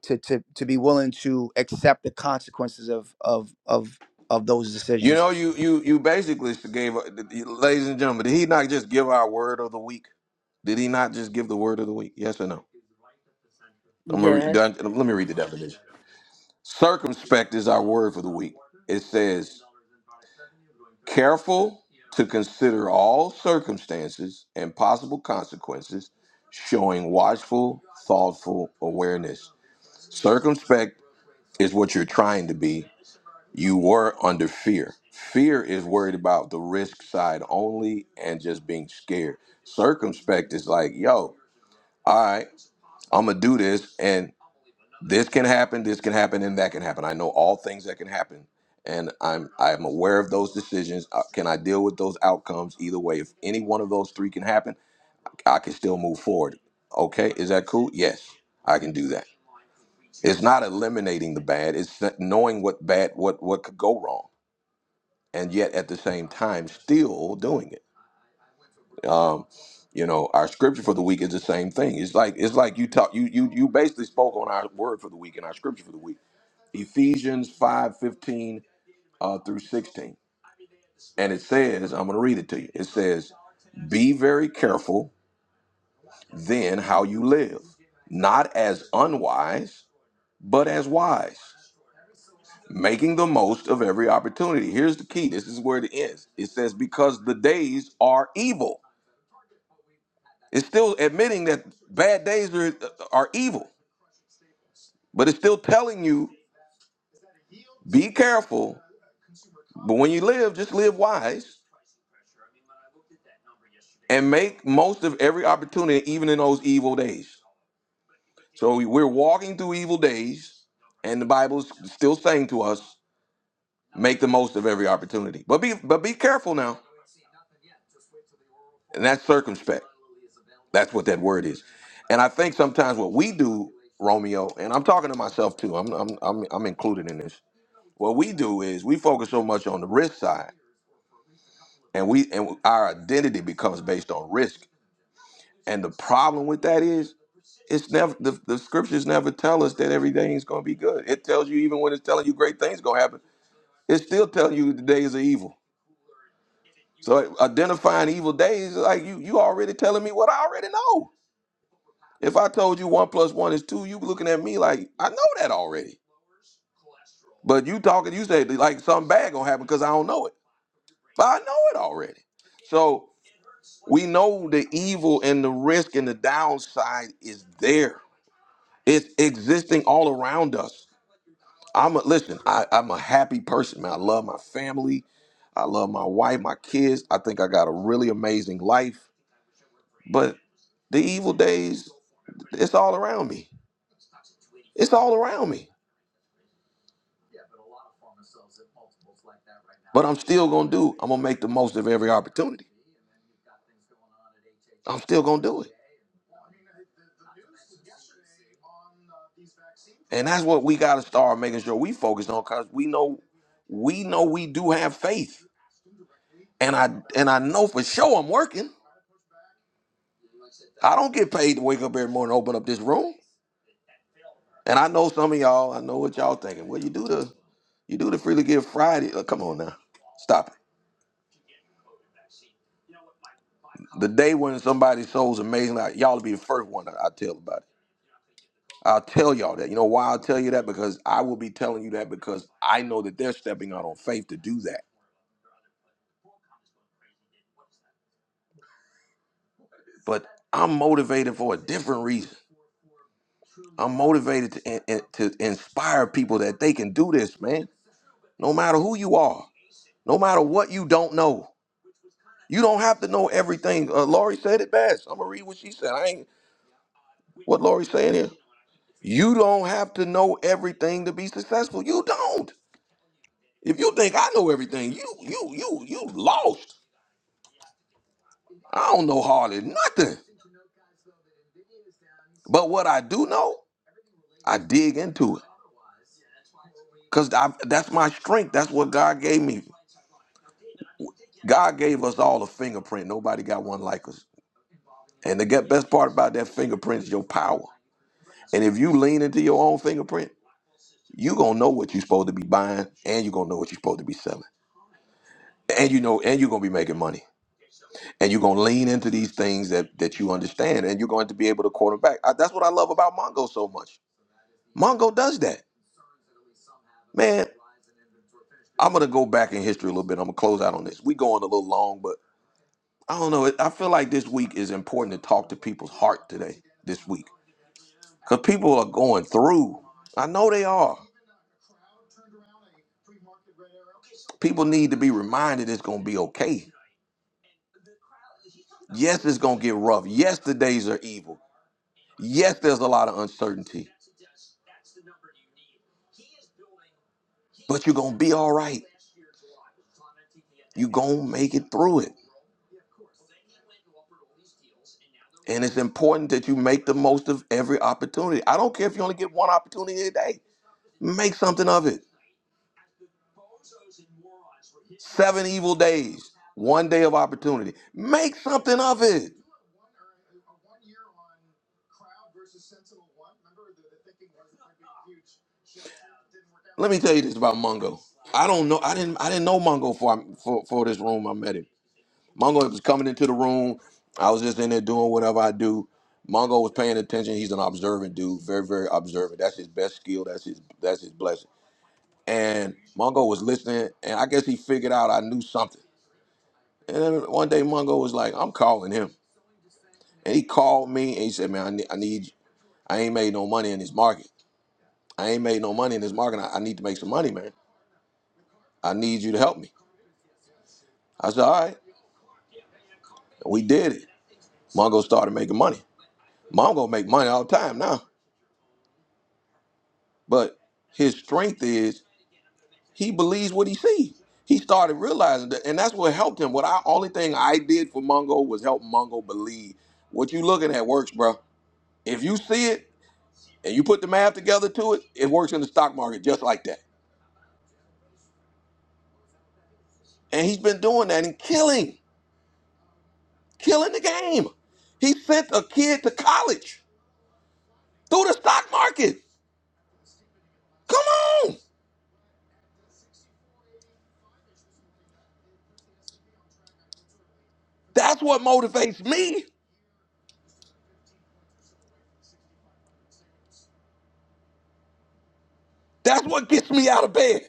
Speaker 10: To, to, to be willing to accept the consequences of of of of those
Speaker 1: You
Speaker 10: decisions.
Speaker 1: know, you you you basically gave, ladies and gentlemen. Did he not just give our word of the week? Did he not just give the word of the week? Yes or no? I'm gonna read.
Speaker 3: Yes.
Speaker 1: Let me read the definition. Circumspect is our word for the week. It says. careful to consider all circumstances and possible consequences, showing watchful, thoughtful awareness. Circumspect is what you're trying to be. You were under fear. Fear is worried about the risk side only and just being scared. Circumspect is like, yo, all right, I'm gonna do this. and this can happen, this can happen, and that can happen. I know all things that can happen, and I'm I'm aware of those decisions. Uh, Can I deal with those outcomes either way? If any one of those three can happen, I can still move forward. Okay, is that cool? Yes, I can do that. It's not eliminating the bad; it's that knowing what bad, what what could go wrong, and yet at the same time still doing it. Um, you know, our scripture for the week is the same thing. It's like it's like you talk you you you basically spoke on our word for the week and our scripture for the week Ephesians 5 15 uh, through 16. And it says, I'm going to read it to you. It says, Be very careful then how you live, not as unwise, but as wise, making the most of every opportunity. Here's the key this is where it ends. It says, Because the days are evil. It's still admitting that bad days are, are evil, but it's still telling you, Be careful. But when you live, just live wise and make most of every opportunity, even in those evil days. So we're walking through evil days, and the Bible's still saying to us, make the most of every opportunity. But be but be careful now. And that's circumspect. That's what that word is. And I think sometimes what we do, Romeo, and I'm talking to myself too. I'm I'm I'm, I'm included in this. What we do is we focus so much on the risk side, and we and our identity becomes based on risk And the problem with that is it's never the, the scriptures never tell us that everything is gonna be good. It tells you even when it's telling you great things gonna happen, it's still telling you the days are evil. So identifying evil days, like you you already telling me what I already know. If I told you one plus one is two, you looking at me like I know that already. But you talking, you say like something bad gonna happen because I don't know it. But I know it already. So we know the evil and the risk and the downside is there It's existing all around us. I'm a listen. I, I'm a happy person, man. I love my family. I love my wife, my kids. I think I got a really amazing life. But the evil days, it's all around me. It's all around me. But I'm still gonna do. I'm gonna make the most of every opportunity. I'm still gonna do it. And that's what we gotta start making sure we focus on, cause we know, we know we do have faith. And I and I know for sure I'm working. I don't get paid to wake up every morning and open up this room. And I know some of y'all, I know what y'all thinking. Well, you do the you do the freely give Friday. Oh, come on now. Stop it. The day when somebody sows amazing, like, y'all will be the first one that I tell about it. I'll tell y'all that. You know why I'll tell you that? Because I will be telling you that because I know that they're stepping out on faith to do that. But I'm motivated for a different reason. I'm motivated to, in- in- to inspire people that they can do this, man. No matter who you are, no matter what you don't know. You don't have to know everything. Uh, Lori said it best. I'm gonna read what she said. I ain't what Lori's saying here. You don't have to know everything to be successful. You don't. If you think I know everything, you you you you lost. I don't know hardly nothing. But what I do know, I dig into it. Cause that's my strength. That's what God gave me. God gave us all a fingerprint. Nobody got one like us. And the get- best part about that fingerprint is your power. And if you lean into your own fingerprint. you gonna know what you're supposed to be buying and you're gonna know what you're supposed to be selling and you know and you're gonna be making money and you're gonna lean into these things that that you understand and you're going to be able to quarterback I, that's what i love about mongo so much mongo does that man i'm gonna go back in history a little bit i'm gonna close out on this we going a little long but i don't know It- i feel like this week is important to talk to people's heart today this week because people are going through i know they are people need to be reminded it's gonna be okay yes it's gonna get rough yes the days are evil Yes, there's a lot of uncertainty, but you're going to be all right. You're going to make it through it. And it's important that you make the most of every opportunity. I don't care if you only get one opportunity a day, make something of it. Seven evil days, one day of opportunity. Make something of it. Let me tell you this about Mungo. I don't know. I didn't. I didn't know Mungo for for, for this room. I met him. Mongo was coming into the room. I was just in there doing whatever I do. Mongo was paying attention. He's an observant dude, very, very observant. That's his best skill. That's his that's his blessing. And Mongo was listening, and I guess he figured out I knew something. And then one day Mongo was like, "I'm calling him," and he called me and he said, "Man, I need, I need I ain't made no money in this market. I ain't made no money in this market. I, I need to make some money, man. I need you to help me. I said, all right. And we did it. Mongo started making money. Mongo make money all the time now. But his strength is he believes what he sees. He started realizing that, and that's what helped him. What I only thing I did for Mongo was help Mongo believe what you looking at works, bro. If you see it and you put the math together to it, it works in the stock market just like that. And he's been doing that and killing, killing the game. He sent a kid to college through the stock market. Come on, that's what motivates me. That's what gets me out of bed.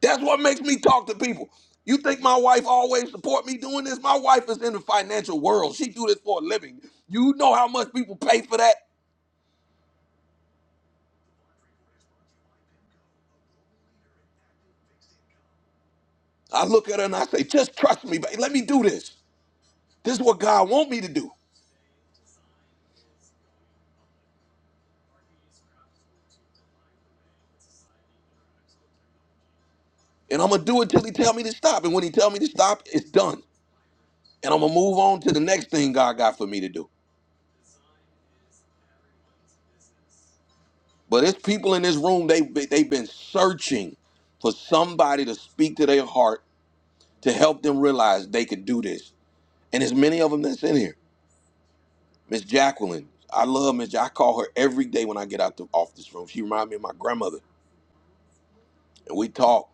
Speaker 1: That's what makes me talk to people. You think my wife always support me doing this? My wife is in the financial world. She do this for a living. You know how much people pay for that? I look at her and I say, just trust me, but let me do this. This is what God want me to do. And I'm gonna do it till he tell me to stop. And when he tell me to stop, it's done. And I'm gonna move on to the next thing God got for me to do. But it's people in this room, they they, they've been searching for somebody to speak to their heart to help them realize they could do this. And there's many of them that's in here. Miss Jacqueline. I love Miss. Ja- I call her every day when I get out the, off this room. She reminds me of my grandmother, and we talk.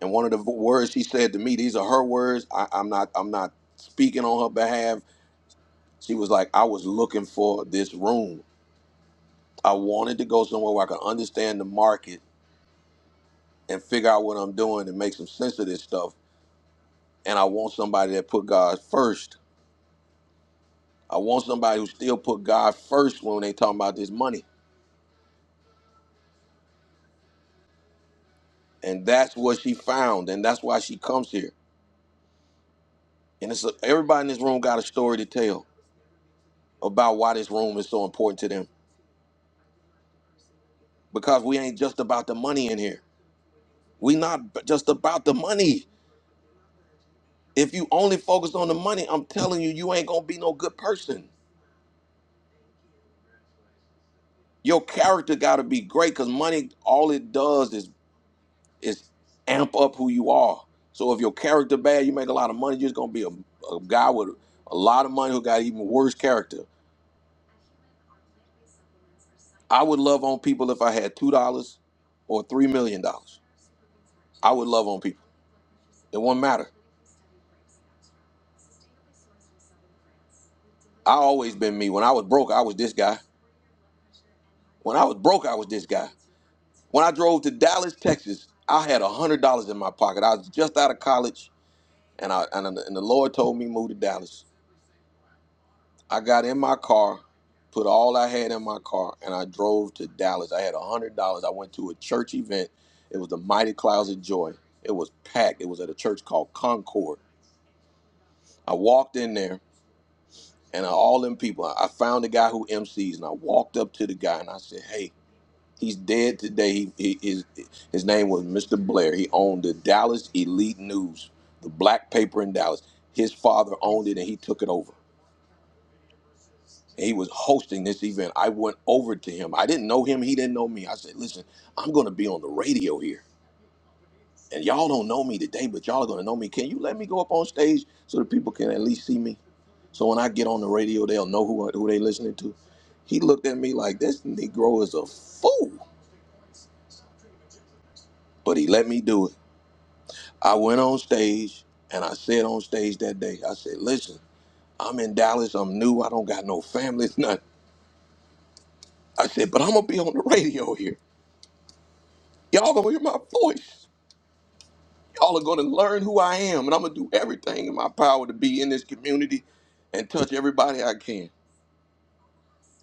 Speaker 1: And one of the v- words she said to me, these are her words. I, I'm not. I'm not speaking on her behalf. She was like, I was looking for this room. I wanted to go somewhere where I could understand the market and figure out what I'm doing and make some sense of this stuff. And I want somebody that put God first. I want somebody who still put God first when they talking about this money. And that's what she found, and that's why she comes here And it's everybody in this room got a story to tell about why this room is so important to them. Because we ain't just about the money in here. We not b- just about the money. If you only focus on the money, I'm telling you, you ain't gonna be no good person. Your character gotta be great because money, all it does is is amp up who you are. So if your character bad, you make a lot of money, you're just gonna be a, a guy with a lot of money who got even worse character. I would love on people if I had two dollars or three million dollars. I would love on people. It won't matter. I always been me. When I was broke, I was this guy. When I was broke, I was this guy. When I drove to Dallas, Texas, I had a hundred dollars in my pocket. I was just out of college, and I and, and the Lord told me move to Dallas. I got in my car, put all I had in my car, and I drove to Dallas. I had a hundred dollars. I went to a church event. It was the Mighty Clouds of Joy. It was packed. It was at a church called Concord. I walked in there, and all them people. I found the guy who MCs, and I walked up to the guy and I said, "Hey." He's dead today. He, he, his, his name was Mr. Blair. He owned the Dallas Elite News, the black paper in Dallas. His father owned it and he took it over. he was hosting this event. I went over to him. I didn't know him. He didn't know me. I said, listen, I'm going to be on the radio here. And y'all don't know me today, but y'all are going to know me. Can you let me go up on stage so that people can at least see me? So when I get on the radio, they'll know who, who they listening to. He looked at me like, this Negro is a fool. But he let me do it. I went on stage and I said on stage that day, I said, listen, I'm in Dallas. I'm new. I don't got no family, nothing. I said, but I'm going to be on the radio here. Y'all going to hear my voice. Y'all are going to learn who I am, and I'm going to do everything in my power to be in this community and touch everybody I can.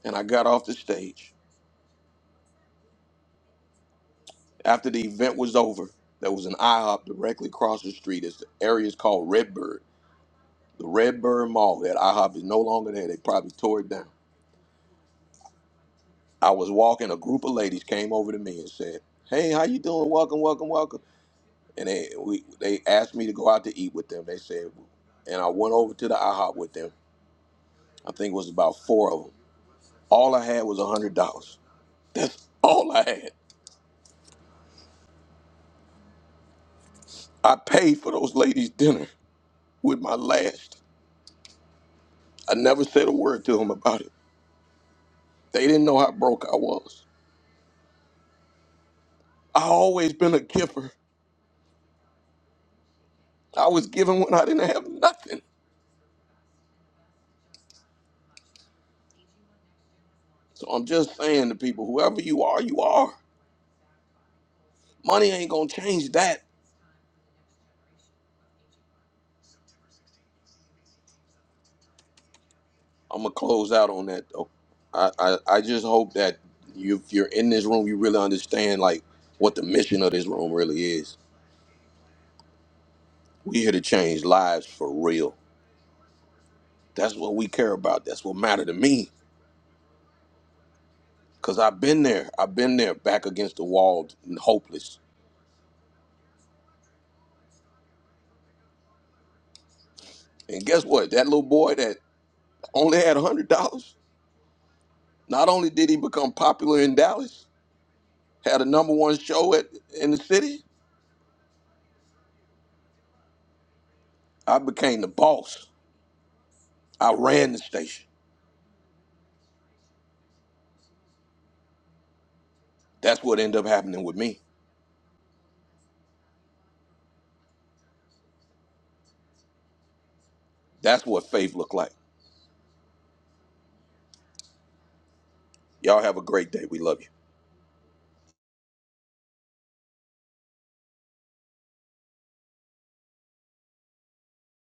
Speaker 1: And I got off the stage. After the event was over, there was an IHOP directly across the street. It's the area is called Redbird. The Redbird Mall, that IHOP is no longer there. They probably tore it down. I was walking, a group of ladies came over to me and said, Hey, how you doing? Welcome, welcome, welcome. And they we, they asked me to go out to eat with them. They said, and I went over to the IHOP with them. I think it was about four of them All I had was a hundred dollars. All I had. I paid for those ladies' dinner with my last. I never said a word to them about it. They didn't know how broke I was. I always been a giver. I was giving when I didn't have nothing. So I'm just saying to people, whoever you are, you are. Money ain't gonna change that. I'm gonna close out on that though. I, I, I just hope that you, if you're in this room, you really understand like what the mission of this room really is. We here to change lives for real. That's what we care about. That's what matter to me. Cause I've been there. I've been there, back against the wall and hopeless. And guess what? That little boy that only had a hundred dollars. Not only did he become popular in Dallas, had a number one show at in the city. I became the boss. I ran the station. That's what ended up happening with me. That's what faith looked like. Y'all have a great day. We love you.